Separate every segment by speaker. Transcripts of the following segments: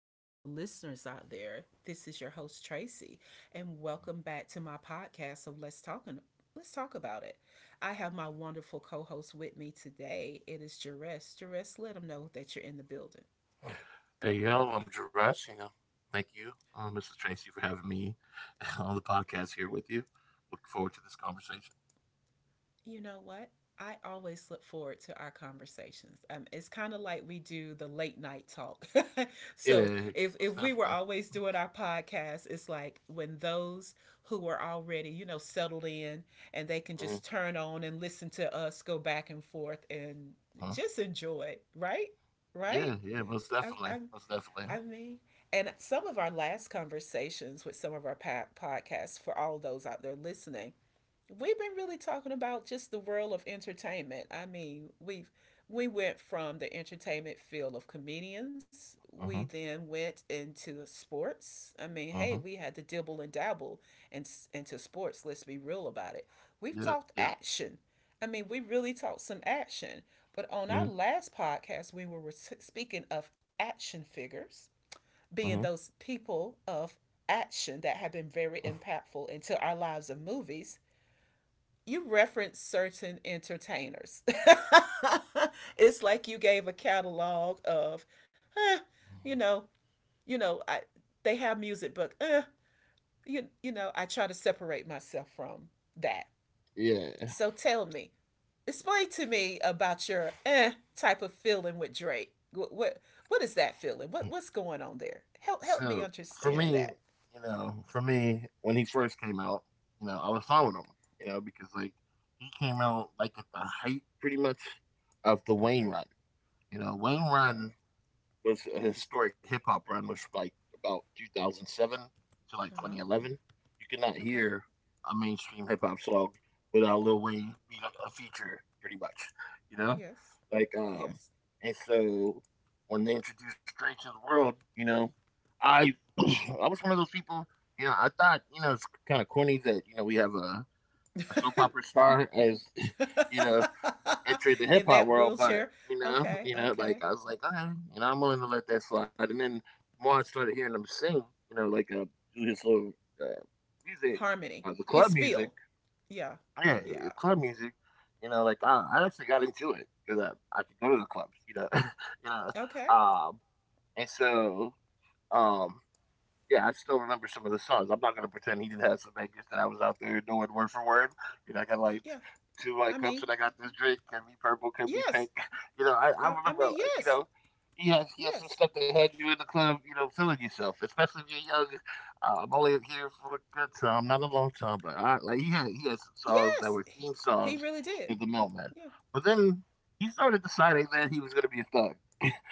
Speaker 1: to all the listeners out there. This is your host Tracy, and welcome back to my podcast of Let's Talk About It. I have my wonderful co-host with me today. It is Jerez. Jerez, let them know that you're in the building. Go ahead.
Speaker 2: Hey y'all, I'm Jirash. Thank you, Mr. Tracy, for having me on the podcast here with you. Looking forward to this conversation.
Speaker 1: You know what? I always look forward to our conversations. It's kind of like we do the late night talk.
Speaker 2: Yeah,
Speaker 1: So
Speaker 2: yeah,
Speaker 1: if
Speaker 2: most
Speaker 1: we were
Speaker 2: definitely.
Speaker 1: always doing our podcast, it's like when those who are already you know settled in and they can
Speaker 2: Mm-hmm.
Speaker 1: just turn on and listen to us go back and forth and
Speaker 2: uh
Speaker 1: just enjoy it, right? Right?
Speaker 2: Yeah, yeah, most
Speaker 1: I, I,
Speaker 2: definitely, most definitely.
Speaker 1: I mean, and some of our last conversations with some of our podcasts for all those out there listening, we've been really talking about just the world of entertainment. I mean, we went from the entertainment field of comedians. We
Speaker 2: Mm-hmm.
Speaker 1: then went into sports. I mean, hey,
Speaker 2: Mm-hmm.
Speaker 1: we had to dibble and dabble and into sports. Let's be real about it. We've
Speaker 2: Yeah,
Speaker 1: talked
Speaker 2: yeah.
Speaker 1: action. I mean, we really talked some action. But on our
Speaker 2: Mm-hmm.
Speaker 1: last podcast, we were speaking of action figures being
Speaker 2: Mm-hmm.
Speaker 1: those people of action that have been very impactful into our lives of movies. You reference certain entertainers. It's like you gave a catalog of, eh, you know, you know, I they have music, but you know, I try to separate myself from that.
Speaker 2: Yeah.
Speaker 1: So tell me, explain to me about your type of feeling with Drake. What is that feeling? What what's going on there? Help me
Speaker 2: So for
Speaker 1: understand
Speaker 2: me,
Speaker 1: that.
Speaker 2: you know, for me, when he first came out, you know, I was
Speaker 1: Okay.
Speaker 2: following him, you know, because like he came out like at the height, pretty much, of the Wayne
Speaker 1: Okay.
Speaker 2: Run. You know, Wayne
Speaker 1: Okay.
Speaker 2: Run was a historic hip hop run, which was like about 2007 to like
Speaker 1: Uh huh.
Speaker 2: 2011. You could not
Speaker 1: Okay.
Speaker 2: hear a mainstream hip hop song without Lil Wayne being a feature, pretty much. You know,
Speaker 1: Yes.
Speaker 2: like um,
Speaker 1: Yes.
Speaker 2: and so when they introduced Drake to the world, you know, I I was one of those people. You know, I thought you know it's kind of corny that you know we have a soap opera star as you know entered the hip
Speaker 1: In
Speaker 2: hop
Speaker 1: that
Speaker 2: world, but
Speaker 1: wheelchair. Okay,
Speaker 2: you know,
Speaker 1: okay.
Speaker 2: like I was like, okay, you know, I'm willing to let that slide. And then more I started hearing him sing, you know, like do his little uh, music,
Speaker 1: Harmony.
Speaker 2: the
Speaker 1: His
Speaker 2: club music,
Speaker 1: spiel. Yeah,
Speaker 2: yeah, the
Speaker 1: yeah.
Speaker 2: club music. You know, like I actually got into it because I could go to the clubs, you know, you know,
Speaker 1: Okay,
Speaker 2: um, and so um yeah, I still remember some of the songs. I'm not gonna pretend he didn't have some bangers that I was out there knowing word for word. You know, I got like
Speaker 1: yeah.
Speaker 2: two like
Speaker 1: I
Speaker 2: cups
Speaker 1: mean,
Speaker 2: and I got this drink, can be purple, can be
Speaker 1: yes.
Speaker 2: pink. You know, I
Speaker 1: I
Speaker 2: remember
Speaker 1: mean,
Speaker 2: you
Speaker 1: yes,
Speaker 2: know, he has some
Speaker 1: yes,
Speaker 2: stuff that had you in the club, you know, feeling yourself, especially if you're young. I'm only here for a good time, not a long time, but I like he had some songs that
Speaker 1: yes.
Speaker 2: were theme
Speaker 1: He
Speaker 2: songs
Speaker 1: really did.
Speaker 2: in the moment.
Speaker 1: Yeah.
Speaker 2: But then he started deciding that he was gonna be a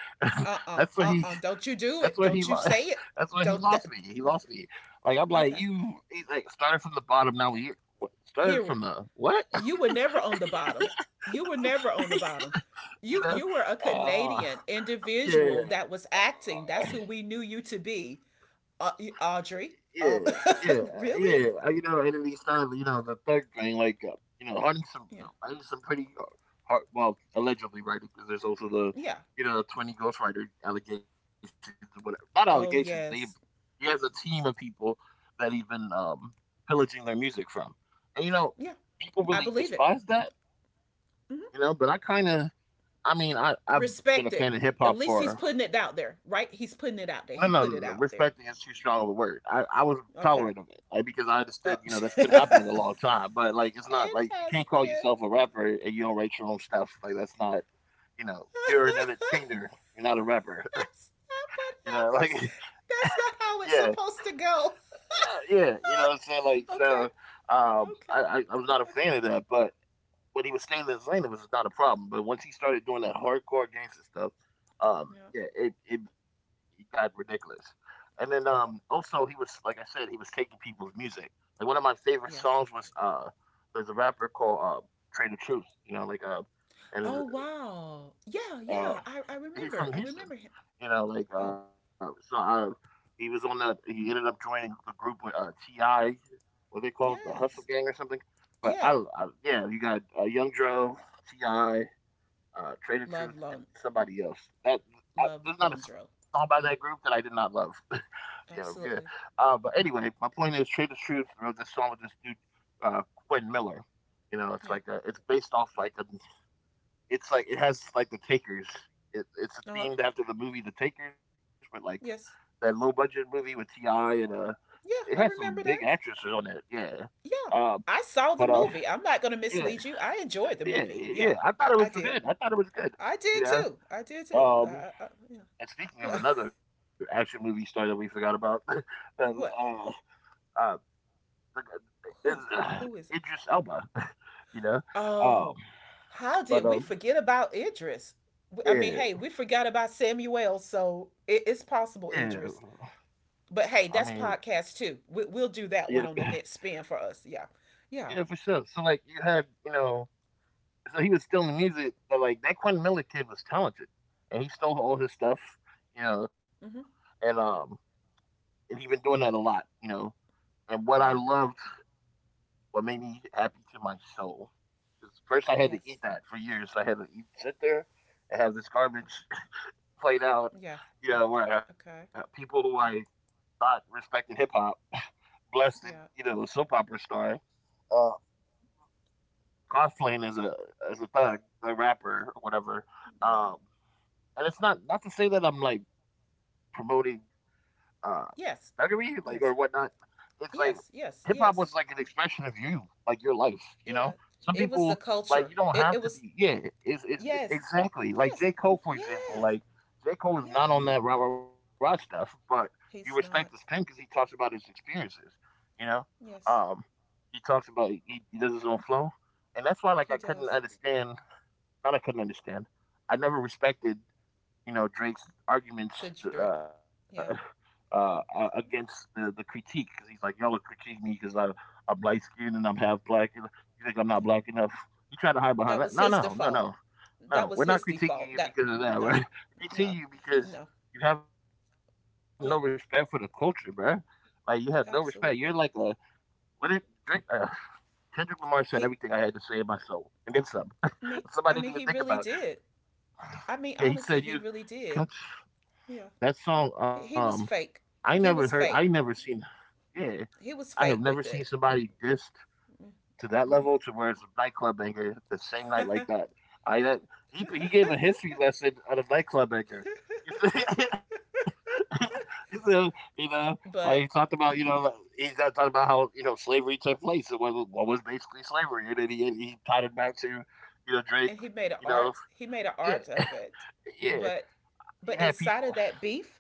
Speaker 2: thug.
Speaker 1: Uh-uh,
Speaker 2: that's what he
Speaker 1: uh. Do not you
Speaker 2: that's
Speaker 1: do
Speaker 2: what he
Speaker 1: it.
Speaker 2: lo-
Speaker 1: Don't you say it.
Speaker 2: that's what he lost
Speaker 1: Don't.
Speaker 2: me.
Speaker 1: That,
Speaker 2: He lost me. Like I'm like
Speaker 1: okay.
Speaker 2: you. He's like started from the bottom. Now we what- started from
Speaker 1: Here,
Speaker 2: the what?
Speaker 1: you were never on the bottom. You were never on the
Speaker 2: you
Speaker 1: bottom. you
Speaker 2: know?
Speaker 1: you were a
Speaker 2: Uh,
Speaker 1: Canadian individual
Speaker 2: yeah.
Speaker 1: that was acting. That's who we knew you to be. uh, Audrey.
Speaker 2: Yeah,
Speaker 1: Uh,
Speaker 2: yeah, yeah.
Speaker 1: really?
Speaker 2: You know, and then he started, you know, the third thing, like, you know,
Speaker 1: Yeah.
Speaker 2: writing some pretty hard, well, allegedly writing, because there's also the,
Speaker 1: Yeah.
Speaker 2: you know, 20 ghostwriter allegations and whatever. Not
Speaker 1: Oh,
Speaker 2: allegations.
Speaker 1: yes.
Speaker 2: He has a team of people that he's been pillaging their music from. And, you
Speaker 1: Yeah.
Speaker 2: know,
Speaker 1: I
Speaker 2: people
Speaker 1: believe it.
Speaker 2: really despise that,
Speaker 1: Hmm.
Speaker 2: you know, but I mean,
Speaker 1: Respect
Speaker 2: I've
Speaker 1: it.
Speaker 2: been a
Speaker 1: At
Speaker 2: fan of
Speaker 1: least
Speaker 2: hip
Speaker 1: he's
Speaker 2: hop
Speaker 1: putting it out
Speaker 2: for
Speaker 1: there, right? He's putting it out there. He
Speaker 2: no, no,
Speaker 1: put it
Speaker 2: no, no,
Speaker 1: out there.
Speaker 2: respecting is too strong of a word. I was
Speaker 1: Okay.
Speaker 2: tolerant of it, like because I
Speaker 1: Oh.
Speaker 2: understood, you know, that's
Speaker 1: It
Speaker 2: been happening a long time. But like, it's not
Speaker 1: has
Speaker 2: like you can't
Speaker 1: been.
Speaker 2: call yourself a rapper and you don't write your own stuff. Like that's not, you know, you're an entertainer. You're not a
Speaker 1: That's
Speaker 2: rapper.
Speaker 1: not what
Speaker 2: you know, like
Speaker 1: happens. That's not how it's
Speaker 2: yeah,
Speaker 1: supposed to go.
Speaker 2: yeah, yeah, you know what I'm saying. Like
Speaker 1: Okay.
Speaker 2: so,
Speaker 1: Okay.
Speaker 2: I I was not a
Speaker 1: Okay.
Speaker 2: fan of that, but when he was staying in his lane, it was not a problem. But once he started doing that hardcore gangster stuff,
Speaker 1: Yeah.
Speaker 2: yeah, got ridiculous. And then also he was like I said, he was taking people's music. Like one of my favorite
Speaker 1: Yes.
Speaker 2: songs was there's a rapper called Trader Truth. You know, like
Speaker 1: Oh
Speaker 2: and
Speaker 1: wow. Yeah, yeah.
Speaker 2: uh,
Speaker 1: I remember.
Speaker 2: he's
Speaker 1: I
Speaker 2: from
Speaker 1: remember
Speaker 2: Houston,
Speaker 1: him.
Speaker 2: you know. Like,
Speaker 1: Oh.
Speaker 2: so he was on the. He ended up joining the group with Ti. What they called the Hustle
Speaker 1: Yes.
Speaker 2: Gang or something. But I,
Speaker 1: Yeah.
Speaker 2: don't- I yeah, you got Young Dro, Ti, Trader Truth,
Speaker 1: Love
Speaker 2: and
Speaker 1: Lon-
Speaker 2: somebody else. That
Speaker 1: Love
Speaker 2: there's not a song
Speaker 1: Yondro.
Speaker 2: by that group that I did not love. yeah, yeah.
Speaker 1: Absolutely.
Speaker 2: But anyway, my point is Trader Truth wrote this song with this dude, uh, Quentin Miller. You know,
Speaker 1: Yeah.
Speaker 2: it's based off like a it has like The Takers.
Speaker 1: Uh
Speaker 2: It's
Speaker 1: huh.
Speaker 2: themed after the movie The Takers, but like
Speaker 1: Yes.
Speaker 2: that low budget movie with Ti and
Speaker 1: Yeah.
Speaker 2: it
Speaker 1: I
Speaker 2: has some
Speaker 1: remember
Speaker 2: big
Speaker 1: that.
Speaker 2: actresses on it. Yeah.
Speaker 1: Yeah.
Speaker 2: Uh,
Speaker 1: I saw the
Speaker 2: but
Speaker 1: movie.
Speaker 2: uh,
Speaker 1: I'm not going to mislead you.
Speaker 2: yeah,
Speaker 1: I enjoyed the movie.
Speaker 2: yeah,
Speaker 1: Yeah.
Speaker 2: yeah.
Speaker 1: I
Speaker 2: I thought
Speaker 1: did.
Speaker 2: it was good. I thought it was
Speaker 1: I
Speaker 2: good.
Speaker 1: did too.
Speaker 2: You
Speaker 1: I
Speaker 2: know.
Speaker 1: did too.
Speaker 2: Um,
Speaker 1: Yeah.
Speaker 2: and
Speaker 1: Yeah.
Speaker 2: speaking of another action movie star that we forgot about, um,
Speaker 1: What?
Speaker 2: uh, uh,
Speaker 1: Who?
Speaker 2: is
Speaker 1: Who is it?
Speaker 2: Idris Elba. You know.
Speaker 1: Oh.
Speaker 2: Um,
Speaker 1: How did we
Speaker 2: but
Speaker 1: forget about Idris? W- I mean, hey,
Speaker 2: yeah,
Speaker 1: we forgot about Samuel, so it, it's
Speaker 2: yeah.
Speaker 1: possible, Idris.
Speaker 2: I
Speaker 1: But hey,
Speaker 2: mean,
Speaker 1: that's podcast too. We'll do
Speaker 2: yeah.
Speaker 1: that one on the next spin for us. Yeah. Yeah.
Speaker 2: Yeah, for sure. So like you had, you know, so he was still in the music, but like that Quentin Miller kid was talented, and he stole all his stuff, you know,
Speaker 1: Mm-hmm.
Speaker 2: and um, and he been doing that a lot, you know. And what I
Speaker 1: Yeah.
Speaker 2: loved, what made me happy to my soul, is first I had to eat
Speaker 1: Yes.
Speaker 2: that for years. I had to eat, sit there, and have this
Speaker 1: Okay.
Speaker 2: garbage played out,
Speaker 1: Yes.
Speaker 2: you know, where people
Speaker 1: Okay.
Speaker 2: who I thought respected hip hop, blessed, and, you know,
Speaker 1: Yeah.
Speaker 2: soap opera star. uh, cosplaying as a thug, a rapper or whatever.
Speaker 1: Yeah.
Speaker 2: Um, and it's not not to say that I'm like promoting uh thuggery
Speaker 1: Yes.
Speaker 2: like or whatnot.
Speaker 1: Yes.
Speaker 2: It's like
Speaker 1: Yes.
Speaker 2: hip hop
Speaker 1: Yes.
Speaker 2: was like
Speaker 1: Yes.
Speaker 2: an expression of you, like your life. You know,
Speaker 1: You're right.
Speaker 2: some
Speaker 1: It was
Speaker 2: people
Speaker 1: the
Speaker 2: like you
Speaker 1: culture.
Speaker 2: don't
Speaker 1: It,
Speaker 2: have
Speaker 1: it
Speaker 2: to
Speaker 1: was,
Speaker 2: be. Yeah, it's
Speaker 1: yes.
Speaker 2: exactly like
Speaker 1: Yes.
Speaker 2: J Cole for example.
Speaker 1: Yes.
Speaker 2: Like J Cole is
Speaker 1: Yes.
Speaker 2: not on that rah rah rah stuff, but you respect his
Speaker 1: He's
Speaker 2: pen because
Speaker 1: not.
Speaker 2: he talks about his experiences. You know. Um,
Speaker 1: Yes.
Speaker 2: he talks about he does his own flow, and that's why like I
Speaker 1: He
Speaker 2: couldn't
Speaker 1: does.
Speaker 2: understand. Not I couldn't understand. I never respected you know Drake's arguments
Speaker 1: The Drake.
Speaker 2: uh,
Speaker 1: Yeah.
Speaker 2: against the critique because he's like y'all are critiquing me because I'm light skinned and I'm half black. And you think I'm not black
Speaker 1: Yeah.
Speaker 2: enough? You try to hide behind that?
Speaker 1: That
Speaker 2: No,
Speaker 1: was his
Speaker 2: no, no, no,
Speaker 1: default.
Speaker 2: no.
Speaker 1: That
Speaker 2: We're
Speaker 1: was
Speaker 2: not
Speaker 1: his
Speaker 2: critiquing
Speaker 1: default.
Speaker 2: you
Speaker 1: That,
Speaker 2: because of that. We're
Speaker 1: no. No.
Speaker 2: critiquing you because
Speaker 1: No.
Speaker 2: you have no respect for the culture,
Speaker 1: Yeah.
Speaker 2: bro. Like you have no respect. You're like a
Speaker 1: Absolutely.
Speaker 2: what did Drake? Kendrick Lamar said everything I had to say in
Speaker 1: He,
Speaker 2: my soul, and then some.
Speaker 1: I
Speaker 2: Something I
Speaker 1: mean,
Speaker 2: didn't even
Speaker 1: I
Speaker 2: think
Speaker 1: mean, he
Speaker 2: about.
Speaker 1: really did. I mean,
Speaker 2: Yeah, he
Speaker 1: honestly,
Speaker 2: said
Speaker 1: he
Speaker 2: you.
Speaker 1: really did. Yeah,
Speaker 2: That song,
Speaker 1: he was fake.
Speaker 2: I
Speaker 1: He
Speaker 2: never
Speaker 1: was
Speaker 2: heard.
Speaker 1: fake.
Speaker 2: I never seen. Yeah,
Speaker 1: He was
Speaker 2: I
Speaker 1: fake
Speaker 2: have never
Speaker 1: with
Speaker 2: seen
Speaker 1: it.
Speaker 2: somebody diss to that level to where it's a nightclub banger the same
Speaker 1: Mm-hmm.
Speaker 2: night like that. I that he gave a history lesson on a nightclub banger. so, you know, like he talked
Speaker 1: But
Speaker 2: about, you know, like, he's not talking about how you know slavery took place and what, what was basically slavery, and then he tied it back to, you know, Drake.
Speaker 1: and he made an
Speaker 2: You know,
Speaker 1: art. He made an
Speaker 2: yeah,
Speaker 1: art of it.
Speaker 2: yeah,
Speaker 1: But
Speaker 2: he
Speaker 1: but
Speaker 2: had
Speaker 1: inside of
Speaker 2: people.
Speaker 1: that beef,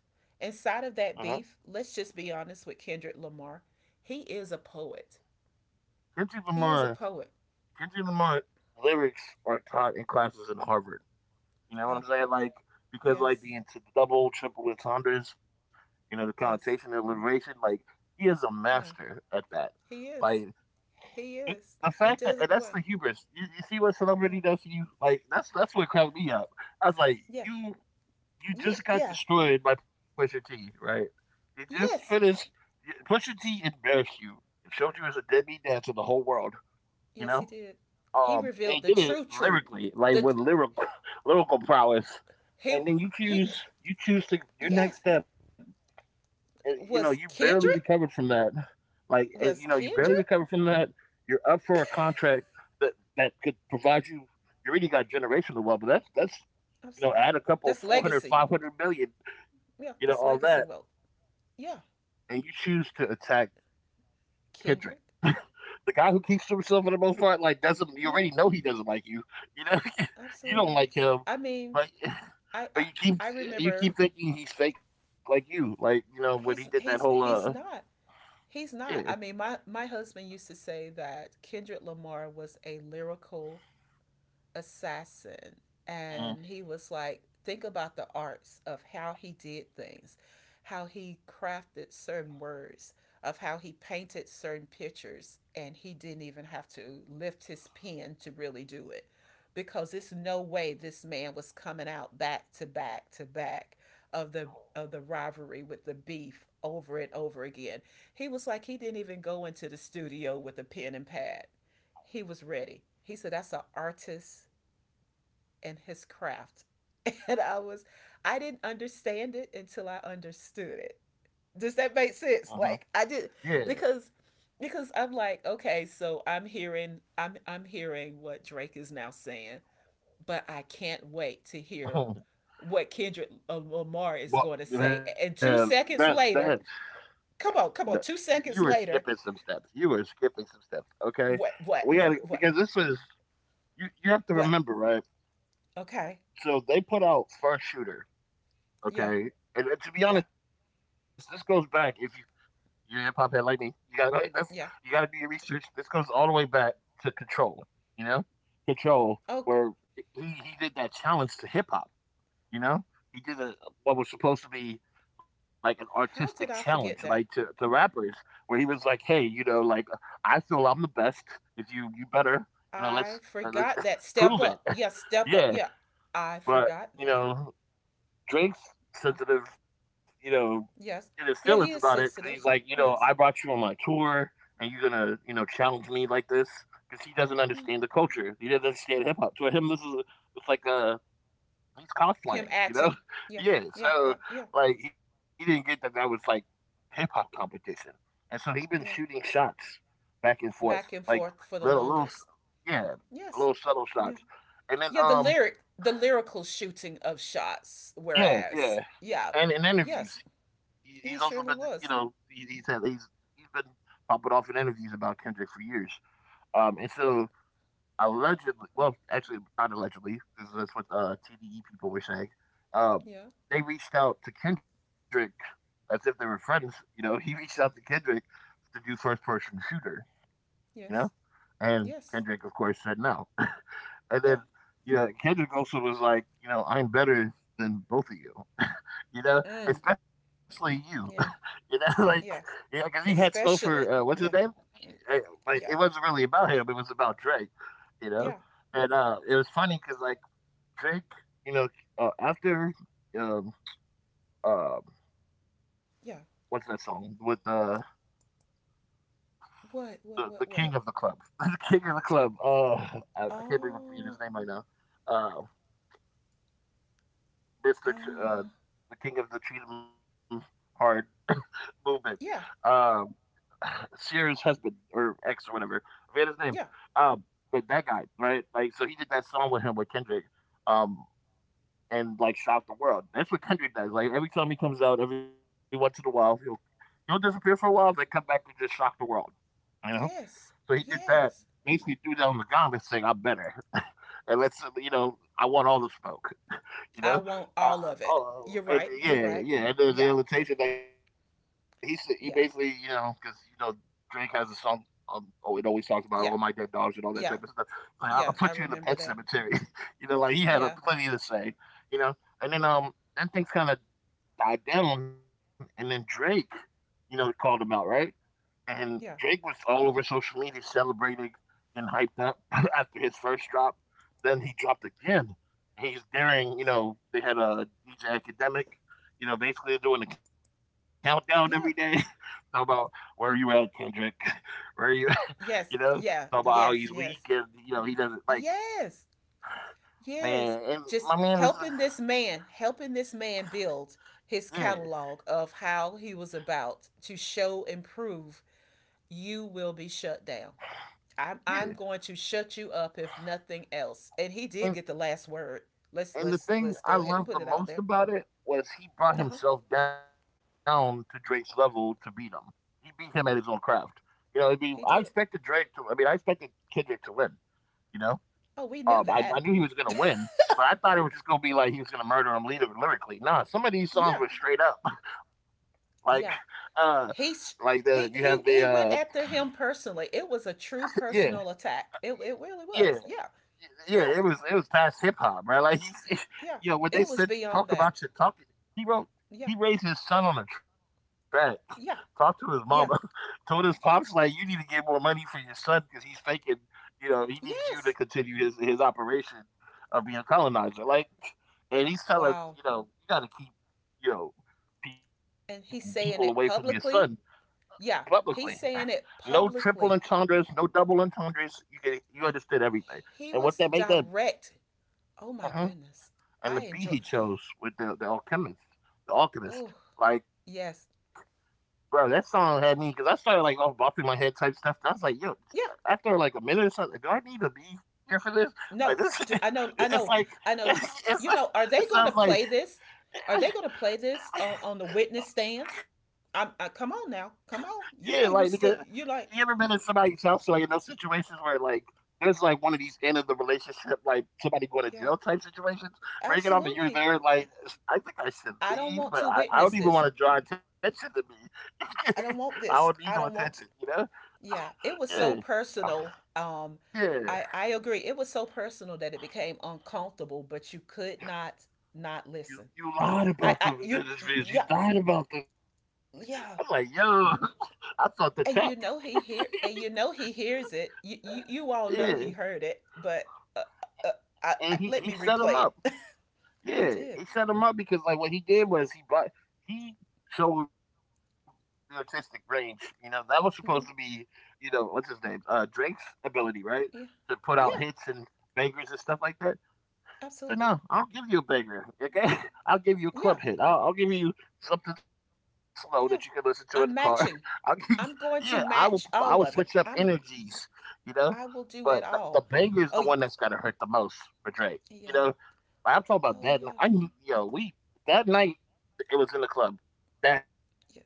Speaker 2: Uh huh.
Speaker 1: inside of that beef, let's just be honest with Kendrick Lamar. He is a poet.
Speaker 2: Kendrick
Speaker 1: He is a
Speaker 2: Lamar,
Speaker 1: poet.
Speaker 2: Kendrick Lamar lyrics are taught in classes in Harvard. You know
Speaker 1: Yeah.
Speaker 2: what I'm saying? Like because
Speaker 1: Yes.
Speaker 2: like the into the double, triple entendres, you know, the
Speaker 1: Yes.
Speaker 2: connotation, the alliteration, like he is a
Speaker 1: Yeah.
Speaker 2: master at that.
Speaker 1: He is.
Speaker 2: Like
Speaker 1: He is.
Speaker 2: the
Speaker 1: He
Speaker 2: fact that
Speaker 1: does it
Speaker 2: and that's
Speaker 1: well.
Speaker 2: the hubris. You see what
Speaker 1: Yeah.
Speaker 2: celebrity does to you? Like that's what cracked me up. I was like,
Speaker 1: Yeah.
Speaker 2: you
Speaker 1: Yeah.
Speaker 2: you just
Speaker 1: Yeah.
Speaker 2: got destroyed by Pusha T, right? You just
Speaker 1: Yes.
Speaker 2: finished. Pusha T embarrassed you and showed you as a deadbeat dad to the whole world. You
Speaker 1: Yes, he
Speaker 2: know.
Speaker 1: did. He revealed
Speaker 2: They
Speaker 1: the
Speaker 2: did it
Speaker 1: true truth.
Speaker 2: lyrically, like
Speaker 1: The
Speaker 2: with lyrical lyrical prowess,
Speaker 1: he
Speaker 2: and then
Speaker 1: he
Speaker 2: you choose to your
Speaker 1: yes
Speaker 2: next step. And, you know, you
Speaker 1: was
Speaker 2: barely
Speaker 1: Kendrick
Speaker 2: recovered from that. Like, you
Speaker 1: was
Speaker 2: know, you barely
Speaker 1: Kendrick
Speaker 2: recovered from that. You're up for a contract that could provide you. You already got generational wealth, but that's you know,
Speaker 1: absolutely
Speaker 2: add a couple
Speaker 1: that's
Speaker 2: 400,
Speaker 1: legacy.
Speaker 2: 500 million, you know,
Speaker 1: Yeah,
Speaker 2: all
Speaker 1: that's
Speaker 2: that,
Speaker 1: legacy wealth. Yeah,
Speaker 2: and you choose to attack Kendrick.
Speaker 1: Kendrick.
Speaker 2: the guy who keeps to himself for the most part, like doesn't you already
Speaker 1: Yeah,
Speaker 2: know he doesn't like you know. You don't
Speaker 1: absolutely.
Speaker 2: like him,
Speaker 1: I mean,
Speaker 2: but
Speaker 1: I
Speaker 2: but
Speaker 1: I, I
Speaker 2: you
Speaker 1: remember
Speaker 2: keep thinking he's fake like you. Like, you know, when he did that whole
Speaker 1: he's not. He's not. I
Speaker 2: yeah.
Speaker 1: mean, my husband used to say that Kendrick Lamar was a lyrical assassin, and he
Speaker 2: Uh,
Speaker 1: was like, think about the arts of how he did things, how he crafted certain words, of how he painted certain pictures, and he didn't even have to lift his pen to really do it, because it's no way this man was coming out back to back to back of the of the rivalry with the beef over and over again. He was like, he didn't even go into the studio with a pen and pad. He was ready. He said that's an artist in his craft. And I was, I didn't understand it until I understood it. Does that make sense?
Speaker 2: uh-huh.
Speaker 1: Like I did,
Speaker 2: Yeah.
Speaker 1: because because I'm like, okay, so I'm hearing I'm hearing what Drake is now saying, but I can't wait to hear what Kendrick Lamar is going to say.
Speaker 2: well
Speaker 1: And 2
Speaker 2: man,
Speaker 1: seconds later,
Speaker 2: that
Speaker 1: come on, come on,
Speaker 2: no,
Speaker 1: 2 seconds
Speaker 2: you were
Speaker 1: later,
Speaker 2: skipping some steps. You were skipping some steps. Okay.
Speaker 1: what
Speaker 2: We had
Speaker 1: what
Speaker 2: because this was you have to
Speaker 1: what?
Speaker 2: remember, right?
Speaker 1: Okay.
Speaker 2: So they put out first shooter,
Speaker 1: Yeah.
Speaker 2: okay? And to be
Speaker 1: Yeah.
Speaker 2: honest, this goes back. If you're a hip hop head like me. You gotta go. That's, you gotta do
Speaker 1: Yeah.
Speaker 2: your research. This goes all the way back to Control. You know, Control,
Speaker 1: Oh,
Speaker 2: where he did that challenge to hip hop. You know, he did a, what was supposed to be like an artistic
Speaker 1: how
Speaker 2: challenge,
Speaker 1: did I
Speaker 2: like to,
Speaker 1: forget
Speaker 2: to
Speaker 1: that?
Speaker 2: rappers, where he was like, "Hey, you know, like I feel I'm the best. If you better, you know, let's,
Speaker 1: I
Speaker 2: uh, let's
Speaker 1: forgot that.
Speaker 2: prove
Speaker 1: Step
Speaker 2: it."
Speaker 1: up. Yes, step up.
Speaker 2: Yeah,
Speaker 1: Yeah, I
Speaker 2: but
Speaker 1: forgot
Speaker 2: you
Speaker 1: that.
Speaker 2: know, Drake's sensitive, you know, in his
Speaker 1: Yes.
Speaker 2: feelings about
Speaker 1: Yeah,
Speaker 2: it.
Speaker 1: he
Speaker 2: 'Cause
Speaker 1: is
Speaker 2: he's like, you
Speaker 1: sensitive.
Speaker 2: know, I brought you
Speaker 1: Yes.
Speaker 2: on my tour, and you're gonna, you know, challenge me like this because he doesn't understand
Speaker 1: Mm.
Speaker 2: the culture. He doesn't understand hip hop. To him, this is it's like he's
Speaker 1: Him
Speaker 2: cosplaying, you know?
Speaker 1: acting. Yeah,
Speaker 2: Yeah.
Speaker 1: yeah,
Speaker 2: So
Speaker 1: yeah,
Speaker 2: like he didn't get that that was like hip hop competition, and so he been shooting
Speaker 1: yeah.
Speaker 2: shots back and forth, like
Speaker 1: Back and forth for
Speaker 2: little
Speaker 1: the
Speaker 2: little, s-
Speaker 1: longest.
Speaker 2: yeah, little
Speaker 1: Yes.
Speaker 2: subtle shots,
Speaker 1: Yeah.
Speaker 2: and then
Speaker 1: Yeah, the lyric, the lyrical shooting of shots,
Speaker 2: yeah, yeah,
Speaker 1: whereas, yeah,
Speaker 2: and in interviews,
Speaker 1: yes,
Speaker 2: he's also been,
Speaker 1: he
Speaker 2: you know,
Speaker 1: surely
Speaker 2: he,
Speaker 1: was.
Speaker 2: he's had he's been popping off in interviews about Kendrick for years. And so allegedly, well, actually not allegedly, because that's what TDE people were saying. Uh,
Speaker 1: Yeah,
Speaker 2: they reached out to Kendrick as if they were friends. You know, he reached out to Kendrick to do first person shooter. You know,
Speaker 1: yes,
Speaker 2: and
Speaker 1: yes,
Speaker 2: Kendrick of course said no. And
Speaker 1: yeah.
Speaker 2: then you know, Kendrick also was like, you know, I'm better than both of you. You know,
Speaker 1: Mm,
Speaker 2: especially you. You
Speaker 1: yeah,
Speaker 2: know, like, you know, because
Speaker 1: yes.
Speaker 2: he had slow for what's his
Speaker 1: Especially,
Speaker 2: name?
Speaker 1: yeah.
Speaker 2: Uh,
Speaker 1: Mm.
Speaker 2: Like, it wasn't
Speaker 1: Yeah,
Speaker 2: really about him; it was about Drake. You know,
Speaker 1: yeah,
Speaker 2: and it was funny because like Drake, you know, after um, um, what's
Speaker 1: yeah.
Speaker 2: that song with the
Speaker 1: What? What?
Speaker 2: king of
Speaker 1: What?
Speaker 2: the
Speaker 1: What?
Speaker 2: club, the king of the club. Oh, I can't believe I'm forgetting his name
Speaker 1: Oh,
Speaker 2: right now. Uh, Mister, Ch-
Speaker 1: uh,
Speaker 2: uh, the king of the Cheatham Hard movement.
Speaker 1: yeah,
Speaker 2: Um, Sierra's husband or ex or whatever. I forget his name.
Speaker 1: yeah,
Speaker 2: Um, but that guy, right? Like, so he did that song with him with Kendrick, um, and like shocked the world. That's what Kendrick does. Like every time he comes out, every once in a while, he'll disappear for a while, then come back and just shock the world. You know. So he
Speaker 1: yes,
Speaker 2: did that.
Speaker 1: yes.
Speaker 2: Basically, threw down the gauntlet, saying, "I'm better," and let's you know, I want all the smoke you
Speaker 1: I
Speaker 2: know.
Speaker 1: want
Speaker 2: Uh,
Speaker 1: all of it.
Speaker 2: oh,
Speaker 1: You're
Speaker 2: and
Speaker 1: right. You're
Speaker 2: yeah,
Speaker 1: right.
Speaker 2: yeah, and the
Speaker 1: Yeah,
Speaker 2: invitation that he said, he basically, you know, because
Speaker 1: yeah,
Speaker 2: you know, Drake has a song. Oh, it always talks about all my dead
Speaker 1: yeah,
Speaker 2: dogs and all that type of stuff.
Speaker 1: yeah,
Speaker 2: Like, I'll put you in the
Speaker 1: yeah.
Speaker 2: pet
Speaker 1: I remember
Speaker 2: cemetery.
Speaker 1: that.
Speaker 2: You know, like he had a, plenty
Speaker 1: Yeah,
Speaker 2: to say. You know, and then things kind of died down, and then Drake, you know, called him out, right? And Drake was
Speaker 1: yeah,
Speaker 2: all over social media celebrating and hyped up after his first drop. Then he dropped again. He's daring, you know, they had a DJ academic, you know, basically they're doing a countdown every day.
Speaker 1: yeah.
Speaker 2: Talk about where are you at, Kendrick? Where are you you know?
Speaker 1: Yes,
Speaker 2: Talk about how
Speaker 1: yeah,
Speaker 2: he's weak
Speaker 1: yes,
Speaker 2: and
Speaker 1: yes,
Speaker 2: you know, he doesn't like
Speaker 1: yes,
Speaker 2: man
Speaker 1: yes.
Speaker 2: and my
Speaker 1: Just
Speaker 2: man was
Speaker 1: helping this man build his
Speaker 2: yeah,
Speaker 1: catalog of how he was about to show and prove you will be shut down. I'm
Speaker 2: yeah.
Speaker 1: I'm going to shut you up if nothing else. And he did
Speaker 2: And
Speaker 1: get the last word.
Speaker 2: And the thing
Speaker 1: Let's
Speaker 2: I
Speaker 1: go ahead and
Speaker 2: loved
Speaker 1: put
Speaker 2: the
Speaker 1: it out
Speaker 2: most
Speaker 1: there.
Speaker 2: about it was he brought
Speaker 1: Uh huh.
Speaker 2: himself down to Drake's level to beat him. He beat him at his own craft. You know, it'd be I
Speaker 1: He did.
Speaker 2: expected Drake to I mean, I expected Kendrick to win, you know?
Speaker 1: Oh, we knew
Speaker 2: I
Speaker 1: that.
Speaker 2: knew he was gonna win, but I thought it was just gonna be like he was gonna murder him lyrically. Nah, some of these
Speaker 1: Yeah,
Speaker 2: songs were straight up. Like
Speaker 1: yeah.
Speaker 2: uh
Speaker 1: He
Speaker 2: like
Speaker 1: sh-
Speaker 2: the you have the
Speaker 1: he went after him personally. It was a true
Speaker 2: yeah.
Speaker 1: personal attack. It really
Speaker 2: Yeah,
Speaker 1: was. Yeah,
Speaker 2: yeah,
Speaker 1: yeah,
Speaker 2: it was past hip hop, right? Like he,
Speaker 1: yeah.
Speaker 2: you know,
Speaker 1: It
Speaker 2: when
Speaker 1: was
Speaker 2: they said
Speaker 1: beyond that.
Speaker 2: talk about your talk, he
Speaker 1: Yeah,
Speaker 2: wrote he raised his son on a track,
Speaker 1: yeah,
Speaker 2: talked to his mama,
Speaker 1: yeah.
Speaker 2: told his pops like you need to get more money for your son because he's faking. You know, he needs
Speaker 1: Yes.
Speaker 2: you to continue his operation of being a colonizer. Like, and
Speaker 1: Wow.
Speaker 2: he's telling you know you got to keep you know
Speaker 1: And he's saying
Speaker 2: people
Speaker 1: it
Speaker 2: away from your
Speaker 1: publicly.
Speaker 2: son
Speaker 1: Yeah, he's
Speaker 2: publicly.
Speaker 1: saying it
Speaker 2: No triple
Speaker 1: publicly.
Speaker 2: entendres, no double entendres. You understood everything.
Speaker 1: He
Speaker 2: And what
Speaker 1: was
Speaker 2: that make that
Speaker 1: direct. Oh my
Speaker 2: uh-huh.
Speaker 1: goodness. I
Speaker 2: And the
Speaker 1: enjoy.
Speaker 2: beat he chose with the Alchemist, the Alchemist,
Speaker 1: Oh,
Speaker 2: like,
Speaker 1: yes.
Speaker 2: bro, that song had me because I started like off bopping my head type stuff. And I was like, yo,
Speaker 1: Yeah.
Speaker 2: after like a minute or something, do I need to be here for this? Like this,
Speaker 1: No. Do,
Speaker 2: it's
Speaker 1: I
Speaker 2: like
Speaker 1: know I know
Speaker 2: it's like
Speaker 1: you know
Speaker 2: it
Speaker 1: are they
Speaker 2: sounds
Speaker 1: going to
Speaker 2: like
Speaker 1: play this? Are they going to play this on the witness stand?
Speaker 2: yeah, like
Speaker 1: Come
Speaker 2: because
Speaker 1: on now.
Speaker 2: you
Speaker 1: Come
Speaker 2: ever
Speaker 1: on.
Speaker 2: been in
Speaker 1: You know you
Speaker 2: somebody's
Speaker 1: still
Speaker 2: house or
Speaker 1: you
Speaker 2: like in
Speaker 1: like
Speaker 2: those situations where like there's like one of these end of the relationship like somebody going to jail type
Speaker 1: yeah.
Speaker 2: situations, breaking off and you're there like
Speaker 1: Absolutely.
Speaker 2: I think I should leave, but
Speaker 1: I
Speaker 2: I,
Speaker 1: don't
Speaker 2: I
Speaker 1: want
Speaker 2: don't
Speaker 1: to
Speaker 2: even want to
Speaker 1: witness
Speaker 2: draw
Speaker 1: this.
Speaker 2: attention to me. I
Speaker 1: I
Speaker 2: don't
Speaker 1: don't
Speaker 2: need no
Speaker 1: want this.
Speaker 2: attention,
Speaker 1: I
Speaker 2: you
Speaker 1: don't
Speaker 2: know?
Speaker 1: want to. Yeah.
Speaker 2: Yeah.
Speaker 1: It was so
Speaker 2: Ah,
Speaker 1: personal. Um,
Speaker 2: yeah.
Speaker 1: I agree. It was so personal that it became uncomfortable, but you could not not listen.
Speaker 2: You lied about the
Speaker 1: I you
Speaker 2: interviews. You
Speaker 1: yeah
Speaker 2: lied about the I'm like, yo,
Speaker 1: yeah
Speaker 2: I thought the tech.
Speaker 1: and you know he hear and you know he hears it you you
Speaker 2: Yeah.
Speaker 1: all know he heard it but uh, uh,
Speaker 2: And he
Speaker 1: let
Speaker 2: set
Speaker 1: me
Speaker 2: him up.
Speaker 1: replay it.
Speaker 2: Yeah,
Speaker 1: He
Speaker 2: he
Speaker 1: did.
Speaker 2: set him up because like what he did was he brought he showed the artistic range. You know that was supposed to be,
Speaker 1: Mm-hmm.
Speaker 2: you know, what's his name, Drake's ability, right, to
Speaker 1: Yeah,
Speaker 2: put out hits
Speaker 1: yeah,
Speaker 2: and bangers and stuff like that. So no,
Speaker 1: absolutely,
Speaker 2: I'll give you a banger. Okay, I'll give you a club
Speaker 1: yeah,
Speaker 2: hit. I'll give you something slow that you can listen to in
Speaker 1: yeah.
Speaker 2: the car.
Speaker 1: I'm
Speaker 2: I'll give you,
Speaker 1: matching,
Speaker 2: yeah,
Speaker 1: I'm
Speaker 2: I
Speaker 1: going
Speaker 2: will.
Speaker 1: to
Speaker 2: I will
Speaker 1: match
Speaker 2: switch up
Speaker 1: all of it, I'm
Speaker 2: energies. You know,
Speaker 1: I
Speaker 2: but
Speaker 1: will
Speaker 2: the,
Speaker 1: do
Speaker 2: the
Speaker 1: it
Speaker 2: banger
Speaker 1: all.
Speaker 2: is the one
Speaker 1: Oh
Speaker 2: that's got
Speaker 1: y-
Speaker 2: to hurt the most for Drake. You know,
Speaker 1: yeah.
Speaker 2: like, I'm talking about that
Speaker 1: Oh
Speaker 2: night.
Speaker 1: yeah
Speaker 2: Yo, we that night it was in the club. That night,
Speaker 1: yeah,